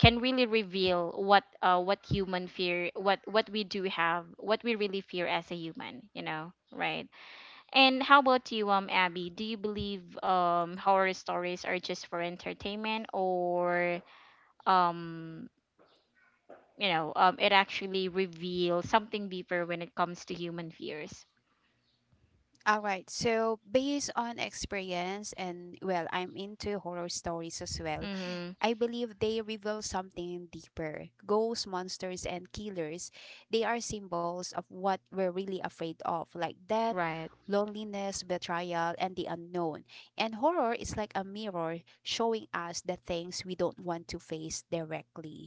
Speaker 1: can really reveal what human fear what we do have what we really fear as a human. And how about you, Abby? Do you believe horror stories are just for entertainment, or um you know, it actually reveals something deeper when it comes to human fears?
Speaker 3: All right. So, based on experience, and well, I'm into horror stories as well.
Speaker 1: Mm-hmm.
Speaker 3: I believe they reveal something deeper. Ghosts, monsters, and killers, they are symbols of what we're really afraid of, like death,
Speaker 1: Right.
Speaker 3: loneliness, betrayal, and the unknown. And horror is like a mirror showing us the things we don't want to face directly.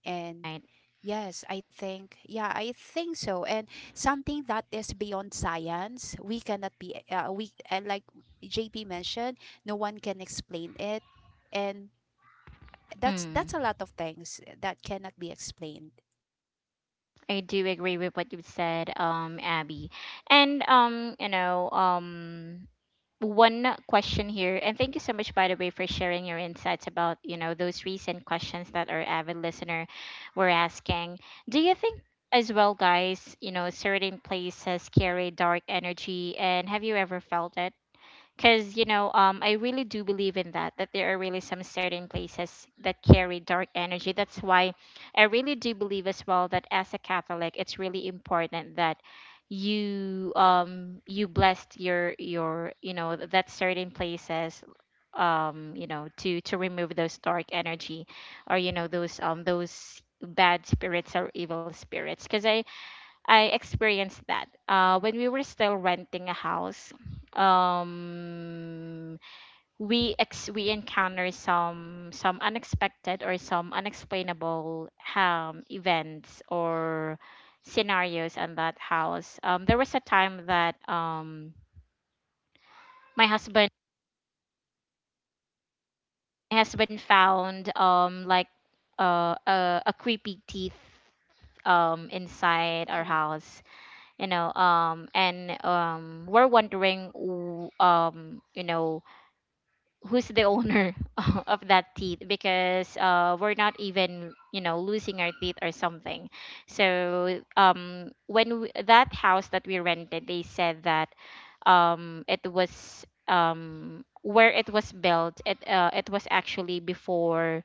Speaker 3: And
Speaker 1: Right.
Speaker 3: yes, I think, yeah, I think so. And something that is beyond science, we cannot be, like JP mentioned, no one can explain it. And that's
Speaker 1: Mm.
Speaker 3: a lot of things that cannot be explained.
Speaker 1: I do agree with what you said, Abby. And one question here, and thank you so much by the way for sharing your insights about, you know, those recent questions that our avid listener were asking. Do you think as well, guys, you know, certain places carry dark energy, and have you ever felt it? Because I really do believe in that there are really some certain places that carry dark energy. That's why I really do believe as well that as a Catholic, it's really important that you blessed your you know, that certain places, you know, to remove those dark energy or, you know, those bad spirits or evil spirits. Because I experienced that when we were still renting a house. Um, we encounter some unexpected or some unexplainable events or scenarios in that house. There was a time that my husband, my husband found like a creepy teeth, inside our
Speaker 3: Mm,
Speaker 1: house, and we're wondering, you know, who's the owner of that teeth, because we're not even, you know, losing our teeth or something. So when that house that we rented, they said that it was, where it was built, it was actually before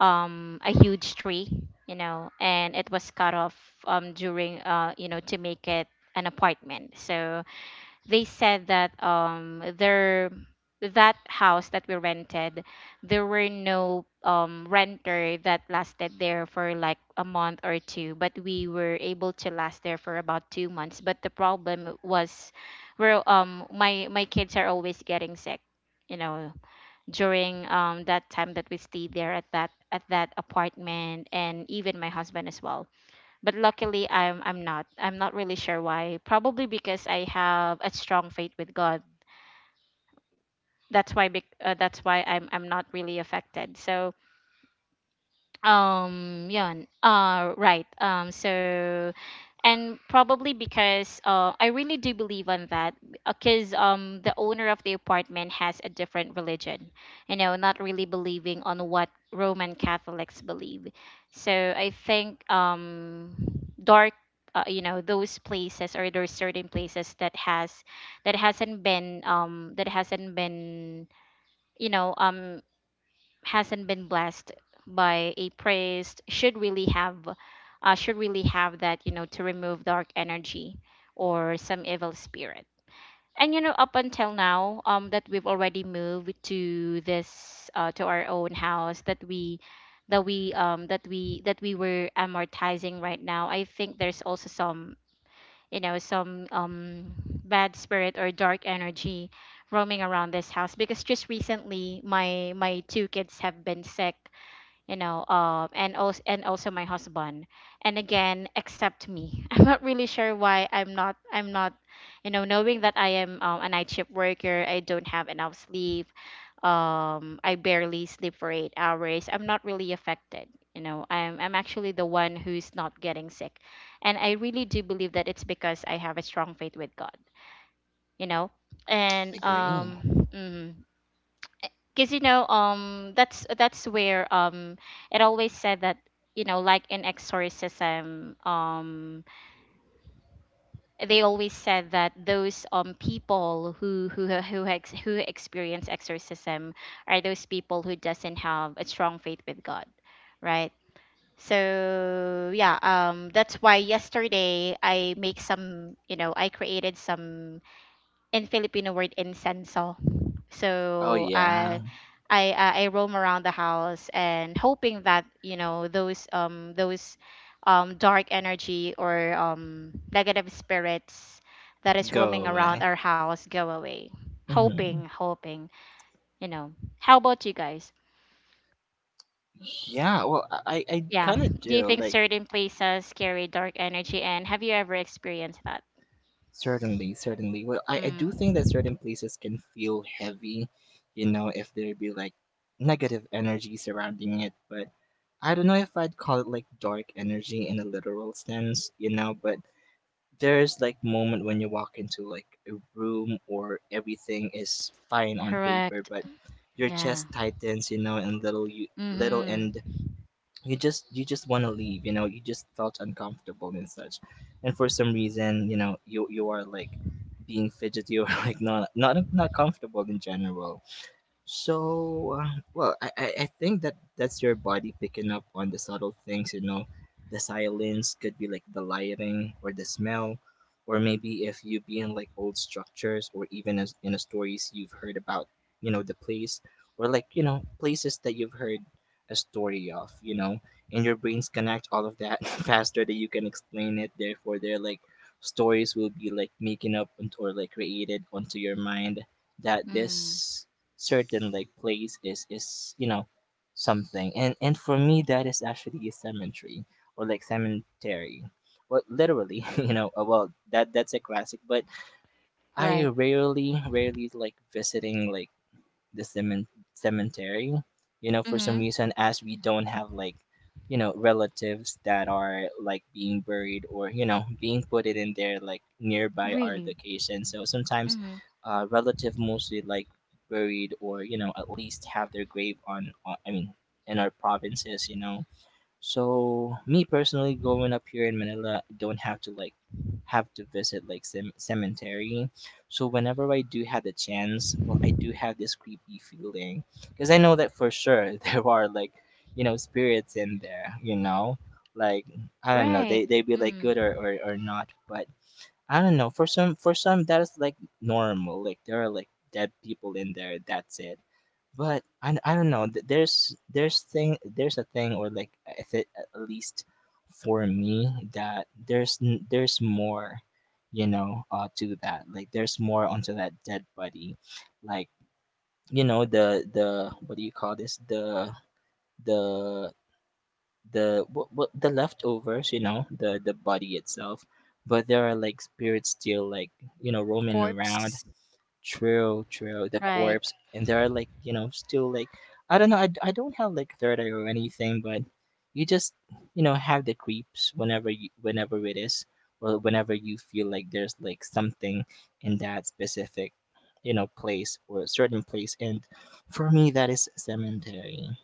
Speaker 1: a huge tree, you know, and it was cut off during, you know, to make it an apartment. So they said that their that house that we rented, there were no renter that lasted there for like a month or two, but we were able to last there for about 2 months. But the problem was where my kids are always getting sick, you know, during, that time that we stayed there at that apartment, and even my husband as well. But luckily, I'm not really sure why. Probably because I have a strong faith with God. That's why, that's why I'm not really affected. So yun right. So and probably because I really do believe on that. Because the owner of the apartment has a different religion, you know, not really believing on what Roman Catholics believe. So I think dark you know, those places or those certain places that hasn't been, that hasn't been, you know um hasn't been blessed by a priest should really have, should really have that, you know, to remove dark energy or some evil spirit. And you know, up until now, that we've already moved to this, to our own house that we that we that we that we were amortizing right now, I think there's also some, you know some um bad spirit or dark energy roaming around this house, because just recently, my two kids have been sick, you know, and also, my husband. And again, except me. I'm not really sure why. I'm not you know, knowing that I am, a night shift worker, I don't have enough sleep. I barely sleep for 8 hours. I'm not really affected. You know, I'm actually the one who's not getting sick. And I really do believe that it's because I have a strong faith with God, you know. And
Speaker 2: Agree.
Speaker 1: mhm. Because that's where it always said that, you know, like in exorcism, they always said that those people who who experience exorcism are those people who doesn't have a strong faith with God, right? So yeah, that's why yesterday I make some, you know, I created some, in Filipino word, incense.
Speaker 2: Oh
Speaker 1: So
Speaker 2: yeah.
Speaker 1: I roam around the house, and hoping that, you know, those dark energy or negative spirits that is
Speaker 2: Go
Speaker 1: roaming around
Speaker 2: away.
Speaker 1: our house go away. Hoping,
Speaker 2: Hmm.
Speaker 1: hoping, you know. How about you guys?
Speaker 2: Yeah, well, I
Speaker 1: Yeah.
Speaker 2: kind of
Speaker 1: Do you
Speaker 2: do
Speaker 1: think
Speaker 2: like.
Speaker 1: certain places carry dark energy, and have you ever experienced that?
Speaker 2: Certainly, certainly. Well, I do think that
Speaker 1: Mm.
Speaker 2: certain places can feel heavy, you know, if there be like negative energy surrounding it. But I don't know if I'd call it like dark energy in a literal sense, you know. But there's like moment when you walk into like a room or everything is fine on paper,
Speaker 1: Correct.
Speaker 2: but your
Speaker 1: Yeah.
Speaker 2: chest tightens, you know, and little you little
Speaker 1: Mhm.
Speaker 2: and you just want to leave, you know, you just felt uncomfortable and such. And for some reason, you know, you are like being fidgety, or like not comfortable in general. So, well, I think that that's your body picking up on the subtle things, you know. The silence could be like the lighting or the smell, or maybe if you be in like old structures, or even as in a stories you've heard about, you know, the place, or like, you know, places that you've heard a story of, you know, and your brains connect all of that faster than you can explain it. Therefore, they're like stories will be like making up and- or like created onto your mind, that
Speaker 1: Mm.
Speaker 2: this certain like place is, you know, something. And for me, that is actually a cemetery. Or like cemetery, well, literally, you know. Well, that that's a classic. But I
Speaker 1: Right.
Speaker 2: rarely like visiting like the cemen- cemetery. You know, for some
Speaker 1: Mhm.
Speaker 2: reason, as we don't have like, you know, relatives that are like being buried, or you know, being put it in there like nearby our
Speaker 1: Really.
Speaker 2: location. So sometimes, relative mostly like buried, or you know at least have their grave on, I mean, in our provinces. You know, so me personally, growing up here in Manila, I don't have to like have to visit like cemetery. So whenever I do have the chance, well, I do have this creepy feeling because I know that for sure there are like, you know, spirits in there. You know, like I don't know,
Speaker 1: Right.
Speaker 2: they be like
Speaker 1: Mm.
Speaker 2: good or, or not, but I don't know. For some, for some that is like normal. Like there are like dead people in there. That's it. But I don't know. There's thing there's a thing, or like I thi- at least for me, that there's more, you know, to that. Like there's more onto that dead body, like you know, the what do you call this, the the the what the leftovers, you know, the body itself. But there are like spirits still like, you know,
Speaker 3: the
Speaker 2: roaming around.
Speaker 3: corpse.
Speaker 2: True, true. The
Speaker 1: Right.
Speaker 2: corpse, and there are like, you know, still like, I don't know. I don't have like third eye or anything, but you just, you know, have the creeps whenever you, whenever it is, or whenever you feel like there's like something in that specific, you know, place or a certain place. And for me, that is cemetery.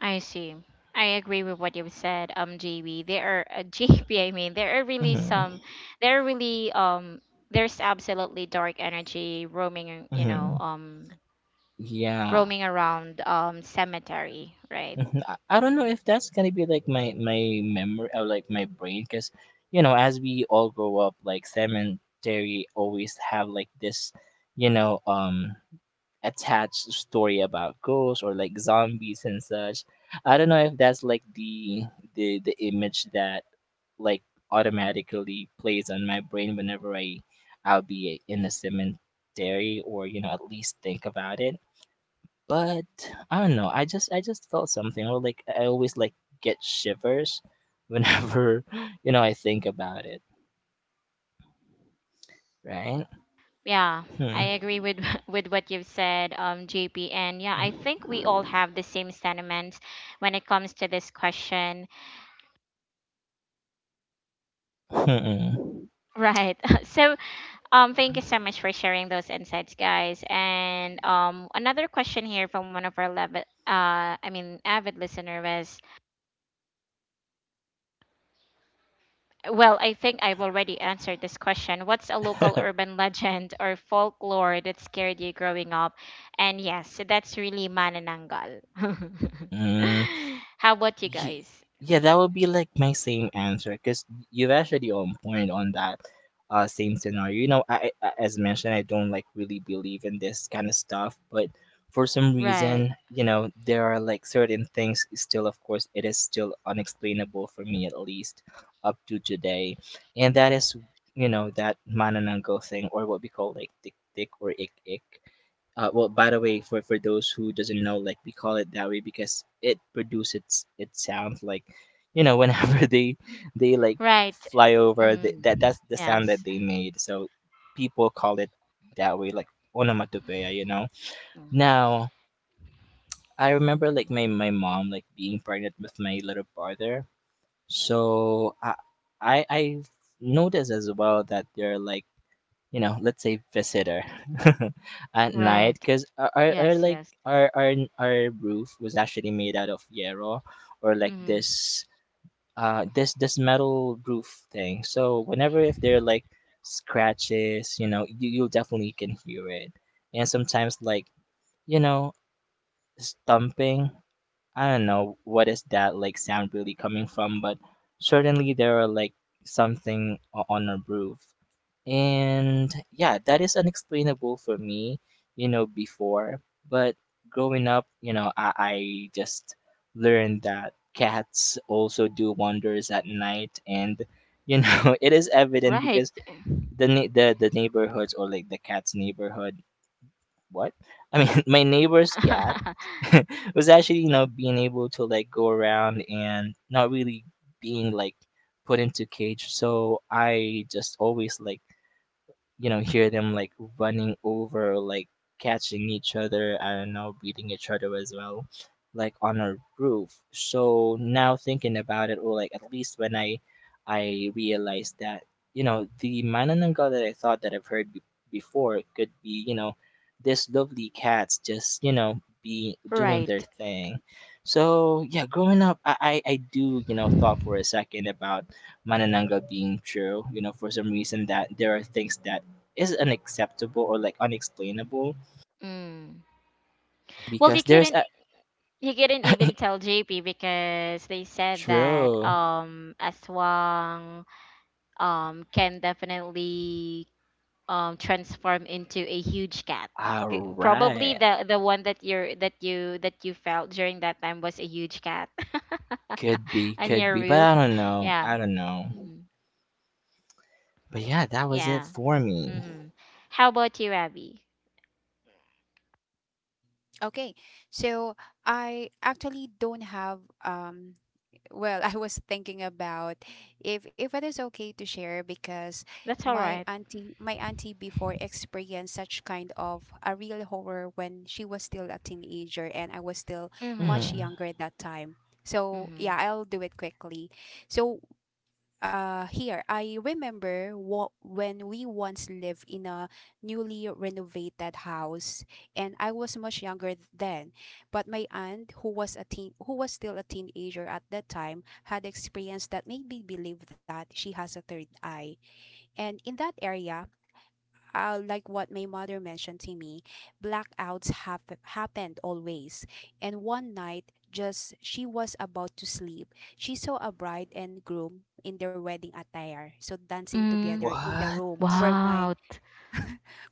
Speaker 1: I see. I agree with what you've said, JB. There are JB, I mean, there are really some,
Speaker 2: Hmm.
Speaker 1: there are really there's absolutely dark energy roaming, you know,
Speaker 2: Hmm. Yeah.
Speaker 1: roaming around cemetery, right?
Speaker 2: Mhm. I don't know
Speaker 1: Mm.
Speaker 2: if that's gonna be like my memory or like my brain, because you know, as we all grow up, like cemetery always have like this, you know, attached story about ghosts or like zombies and such. I don't know if that's like the image that like automatically plays on my brain whenever I'll be in a cemetery, or you know, at least think about it. But I don't know. I just felt something. Or like I always like get shivers whenever you know, I think about it. Right?
Speaker 1: Yeah, I
Speaker 2: Hmm.
Speaker 1: agree with with what you've said, JP. And yeah, I think we all have the same sentiments when it comes to this question.
Speaker 2: Hmm.
Speaker 1: Right. So thank you so much for sharing those insights, guys. And another question here from one of our I mean, avid listener was, well, I think I've already answered this question. What's a local urban legend or folklore that scared you growing up? And yes, that's really Manananggal.
Speaker 2: Hmm.
Speaker 1: How about you
Speaker 2: Ye-
Speaker 1: guys?
Speaker 2: Yeah, that would be like my same answer because you have actually on point on that, same scenario. You know, I as mentioned, I don't like really believe in this kind of stuff, but for some
Speaker 1: Right,
Speaker 2: reason, you know, there are like certain things still, of course, it is still unexplainable for me at least up to today, and that is, you know, that manananggal thing, or what we call like tick tick or ik ik. Well, by the way, for those who doesn't know, like we call it that way because it produces, it sounds like, you know, whenever they like
Speaker 1: right.
Speaker 2: fly over, that
Speaker 1: Mm,
Speaker 2: that's the sound that
Speaker 1: yes.
Speaker 2: they made. So people call it that way, like onomatopoeia, you know.
Speaker 1: Mm,
Speaker 2: Now I remember like my mom like being pregnant with my little brother. So I noticed as well that they're like, you know, let's say visitor at night,
Speaker 1: right.
Speaker 2: because our
Speaker 1: Yes,
Speaker 2: like
Speaker 1: yes.
Speaker 2: our roof was actually made out of yarrow, or like
Speaker 1: Mm,
Speaker 2: this this this metal roof thing. So whenever if there are like scratches, you know, you definitely can hear it. And sometimes like, you know, stomping. I don't know what is that like sound really coming from, but certainly there are like something on our roof. And yeah, that is unexplainable for me, you know, before. But growing up, you know, I just learned that cats also do wonders at night. And, you know, it is evident
Speaker 1: right.
Speaker 2: because the neighborhoods or like the cat's neighborhood, what? I mean, my neighbor's cat was actually, you know, being able to like go around and not really being like put into cage. So I just always like, you know, hear them like running over like catching each other, I don't know, beating each other as well, like on a roof. So now thinking about it, or like at least when I realized that, you know, the manananggal that I thought that I've heard before could be, you know, this lovely cats just, you know, be doing their
Speaker 1: Right.
Speaker 2: thing. So yeah, growing up, I do, you know, thought for a second about manananggal being true. You know, for some reason, that there are things that is unacceptable, or like unexplainable
Speaker 1: Mm. Well, he
Speaker 2: because there's a
Speaker 1: couldn't, he couldn't even tell JP, because they said that
Speaker 2: true.
Speaker 1: Aswang can definitely transform into a huge cat.
Speaker 2: All
Speaker 1: Probably
Speaker 2: right,
Speaker 1: the one that you're that you felt during that time was a huge cat on
Speaker 2: could
Speaker 1: your
Speaker 2: be, but
Speaker 1: roof.
Speaker 2: I don't know.
Speaker 1: Yeah.
Speaker 2: I don't know.
Speaker 1: Mhm.
Speaker 2: But yeah, that was it
Speaker 1: Yeah.
Speaker 2: for me.
Speaker 1: Mhm. How about you, Abby?
Speaker 3: Okay. So I actually don't have well, I was thinking about if it is okay to share because
Speaker 1: That's all
Speaker 3: my
Speaker 1: right.
Speaker 3: auntie my auntie before experienced such kind of a real horror when she was still a teenager, and I was still
Speaker 1: Mhm.
Speaker 3: much
Speaker 2: Mhm.
Speaker 3: younger at that time. So
Speaker 1: Mhm.
Speaker 3: yeah, I'll do it quickly. So here I remember what when we once lived in a newly renovated house, and I was much younger then. But my aunt, who was still a teenager at that time, had experience that made me believe that she has a third eye. And in that area, like what my mother mentioned to me, blackouts have happened always. And one night, just she was about to sleep, she saw a bride and groom in their wedding attire, so dancing
Speaker 1: Mm.
Speaker 3: together in the
Speaker 2: What?
Speaker 3: room
Speaker 1: Wow.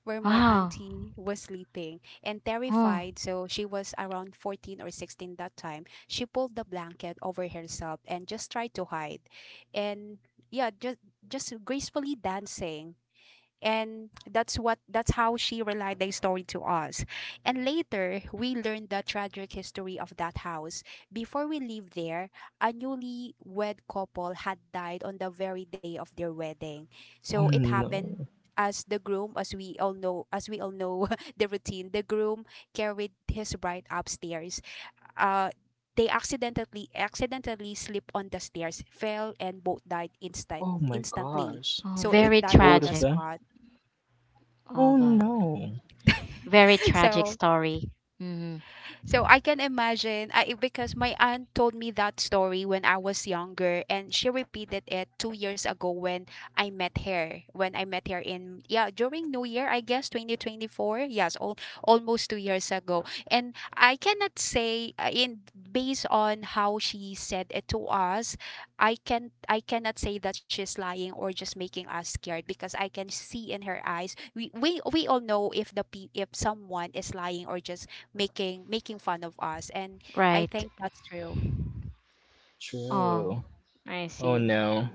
Speaker 3: where my
Speaker 1: Wow.
Speaker 3: auntie was sleeping. And
Speaker 1: Oh.
Speaker 3: terrified, so she was around 14 or 16 that time. She pulled the blanket over herself and just tried to hide. And yeah, just gracefully dancing, and that's what that's how she relayed the story to us. And later we learned the tragic history of that house. Before we leave there, a newly wed couple had died on the very day of their wedding. So
Speaker 2: Oh
Speaker 3: it happened,
Speaker 2: no.
Speaker 3: as the groom, as we all know the routine, the groom carried his bride upstairs. uh they accidentally slipped on the stairs, fell, and both died
Speaker 2: Oh my
Speaker 3: instantly.
Speaker 2: gosh.
Speaker 1: Oh,
Speaker 3: So it
Speaker 2: Like
Speaker 1: very
Speaker 3: died on the
Speaker 2: both of
Speaker 1: tragic.
Speaker 3: spot.
Speaker 2: them.
Speaker 1: Oh
Speaker 2: Oh
Speaker 1: God,
Speaker 2: no.
Speaker 1: very tragic
Speaker 3: So,
Speaker 1: story. Mm-hmm.
Speaker 3: so I can imagine. I Because my aunt told me that story when I was younger, and she repeated it 2 years ago when I met her. When I met her in, yeah, during New Year, I guess 2024. Yes, all, almost 2 years ago. And I cannot say, in based on how she said it to us, I cannot say that she's lying or just making us scared, because I can see in her eyes. We we all know if if someone is lying or just making fun of us. And I
Speaker 1: Right.
Speaker 3: think that's true.
Speaker 1: Oh,
Speaker 2: True.
Speaker 1: I
Speaker 2: Oh
Speaker 1: see.
Speaker 2: no.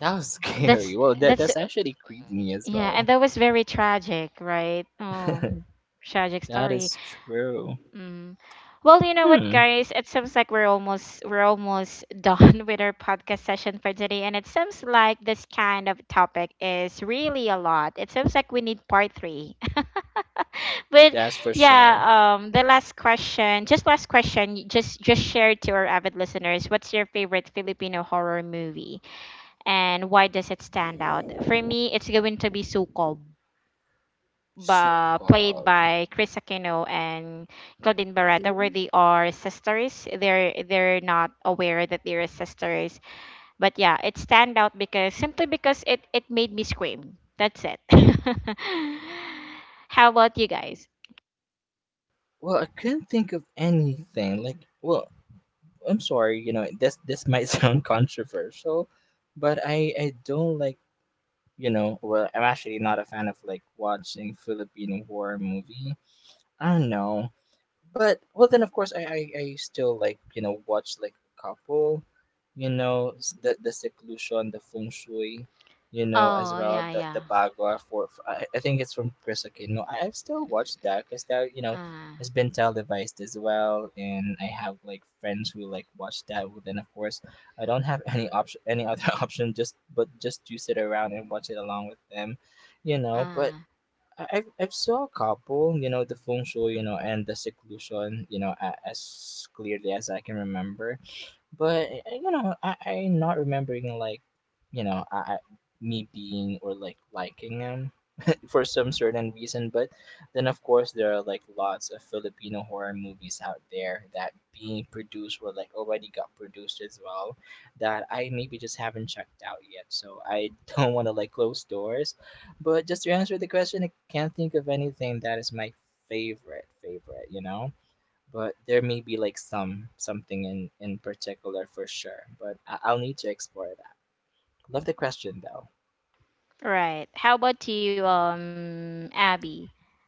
Speaker 2: That was scary.
Speaker 1: That's
Speaker 2: Well, that
Speaker 1: that's
Speaker 2: that's actually creeped me as
Speaker 1: yeah, and
Speaker 2: well.
Speaker 1: that was very tragic, right? Oh, tragic
Speaker 2: That
Speaker 1: story.
Speaker 2: is true.
Speaker 1: Mm. Well, you know what,
Speaker 2: Hmm.
Speaker 1: guys? It seems like we're almost done with our podcast session for today, and it seems like this kind of topic is really a lot. It seems like we need part 3. But
Speaker 2: That's for
Speaker 1: yeah,
Speaker 2: sure.
Speaker 1: the last question, just last question, just share to our avid listeners, what's your favorite Filipino horror movie and why does it stand out? For me, it's going to be Sukob, ba,
Speaker 2: Suka.
Speaker 1: played by Chris Aquino and Claudine Barretta, where
Speaker 3: Claudine.
Speaker 1: they are sisters. They're not aware that they're sisters, but yeah, it stand out because, simply because, it made me scream. That's it. How about you guys?
Speaker 2: Well, I couldn't think of anything. Like, well, I'm sorry, you know, this might sound controversial, but I don't like, you know, well, I'm actually not a fan of like watching Filipino horror movie. I don't know. But well, then of course, I still like, you know, watch like a couple, you know, the seclusion, the feng shui, you know, as
Speaker 1: Oh,
Speaker 2: well,
Speaker 1: yeah, yeah.
Speaker 2: the bagua. For, I think it's from Chris Aquino. I've still watched that because that, you know,
Speaker 1: Uh,
Speaker 2: has been televised as well, and I have like friends who like watch that. Well, then of course I don't have any option, any other option, just but just to sit around and watch it along with them, you know. But
Speaker 1: uh.
Speaker 2: I've saw a couple, you know, the feng shui, you know, and the seclusion, you know, as clearly as I can remember. But you know, I am not remembering like, you know, I me being or like liking them for some certain reason. But then, of course, there are like lots of Filipino horror movies out there that being produced, or like already got produced as well, that I maybe just haven't checked out yet. So I don't want to like close doors. But just to answer the question, I can't think of anything that is my favorite. You know. But there may be like some something in particular for sure. But I'll need to explore that. Love the question though.
Speaker 1: Right. How about you, Abby?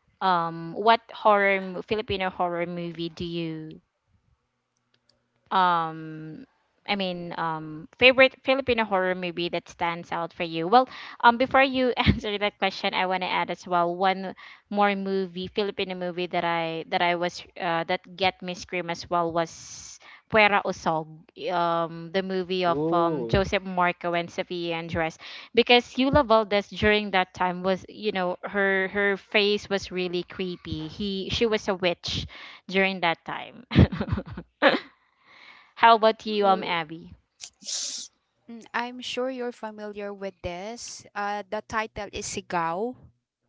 Speaker 1: What horror, Filipino horror movie do you um I mean, favorite Filipino horror movie that stands out for you? Well, before you answer that question, I want to add as well one more movie, Filipino movie, that I was that get me scream as well, was Puera Usog, the movie of
Speaker 2: Ooh,
Speaker 1: Joseph Marco and Sofia Andres, because Yula Valdez during that time was, you know, her face was really creepy. He She was a witch during that time. How about you,
Speaker 2: love.
Speaker 1: Abby?
Speaker 3: Mm, I'm sure you're familiar with this. The title is Sigaw.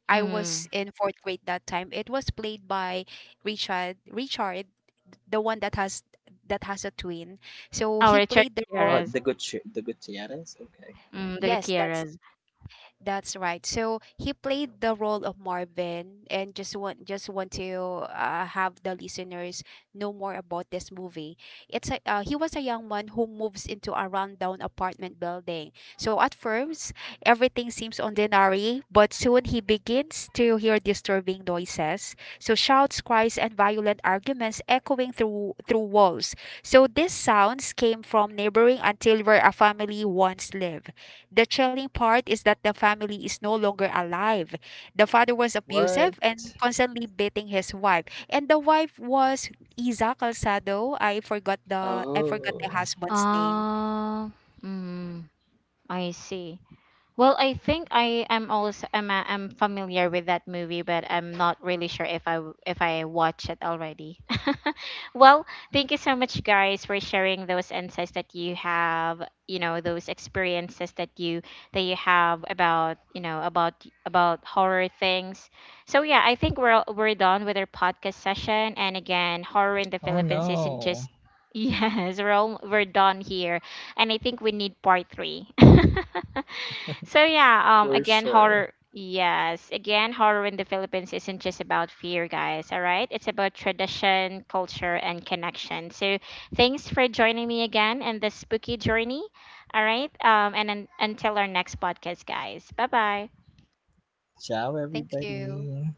Speaker 3: I was
Speaker 1: Mm.
Speaker 3: in fourth grade that time. It was played by Richard, the one that has a twin. So
Speaker 1: Oh,
Speaker 3: he
Speaker 1: Richard
Speaker 3: played the role.
Speaker 1: Gutierrez.
Speaker 2: The Gutierrez. Okay.
Speaker 1: Mm, the
Speaker 3: Yes, that's—
Speaker 1: Gutierrez.
Speaker 3: that's right. So he played the role of Marvin, and just want to have the listeners know more about this movie. It's a— he was a young man who moves into a rundown apartment building. So at first, everything seems ordinary, but soon he begins to hear disturbing noises. So shouts, cries, and violent arguments echoing through walls. So these sounds came from neighboring until where a family once lived. The chilling part is that the family is no longer alive. The father was
Speaker 2: What?
Speaker 3: abusive and constantly beating his wife. And the wife was Isa Calzado. I forgot the— I forgot the
Speaker 2: Oh.
Speaker 3: husband's name.
Speaker 1: Oh, mm, I see. Well, I think I am also am am familiar with that movie, but I'm not really sure if if I watch it already. Well, thank you so much, guys, for sharing those insights that you have. You know, those experiences that you, have about, about, horror things. So yeah, I think we're we're done with our podcast session. And again, horror in the
Speaker 2: Oh
Speaker 1: Philippines isn't
Speaker 2: no.
Speaker 1: just, yes, we're all, we're done here, and I think we need part 3. So yeah,
Speaker 2: For
Speaker 1: again
Speaker 2: sure.
Speaker 1: horror yes, again, horror in the Philippines isn't just about fear, guys, all right? It's about tradition, culture, and connection. So thanks for joining me again in this spooky journey. All right? And until our next podcast, guys. Bye-bye.
Speaker 2: Ciao,
Speaker 3: Thank you.
Speaker 2: everybody.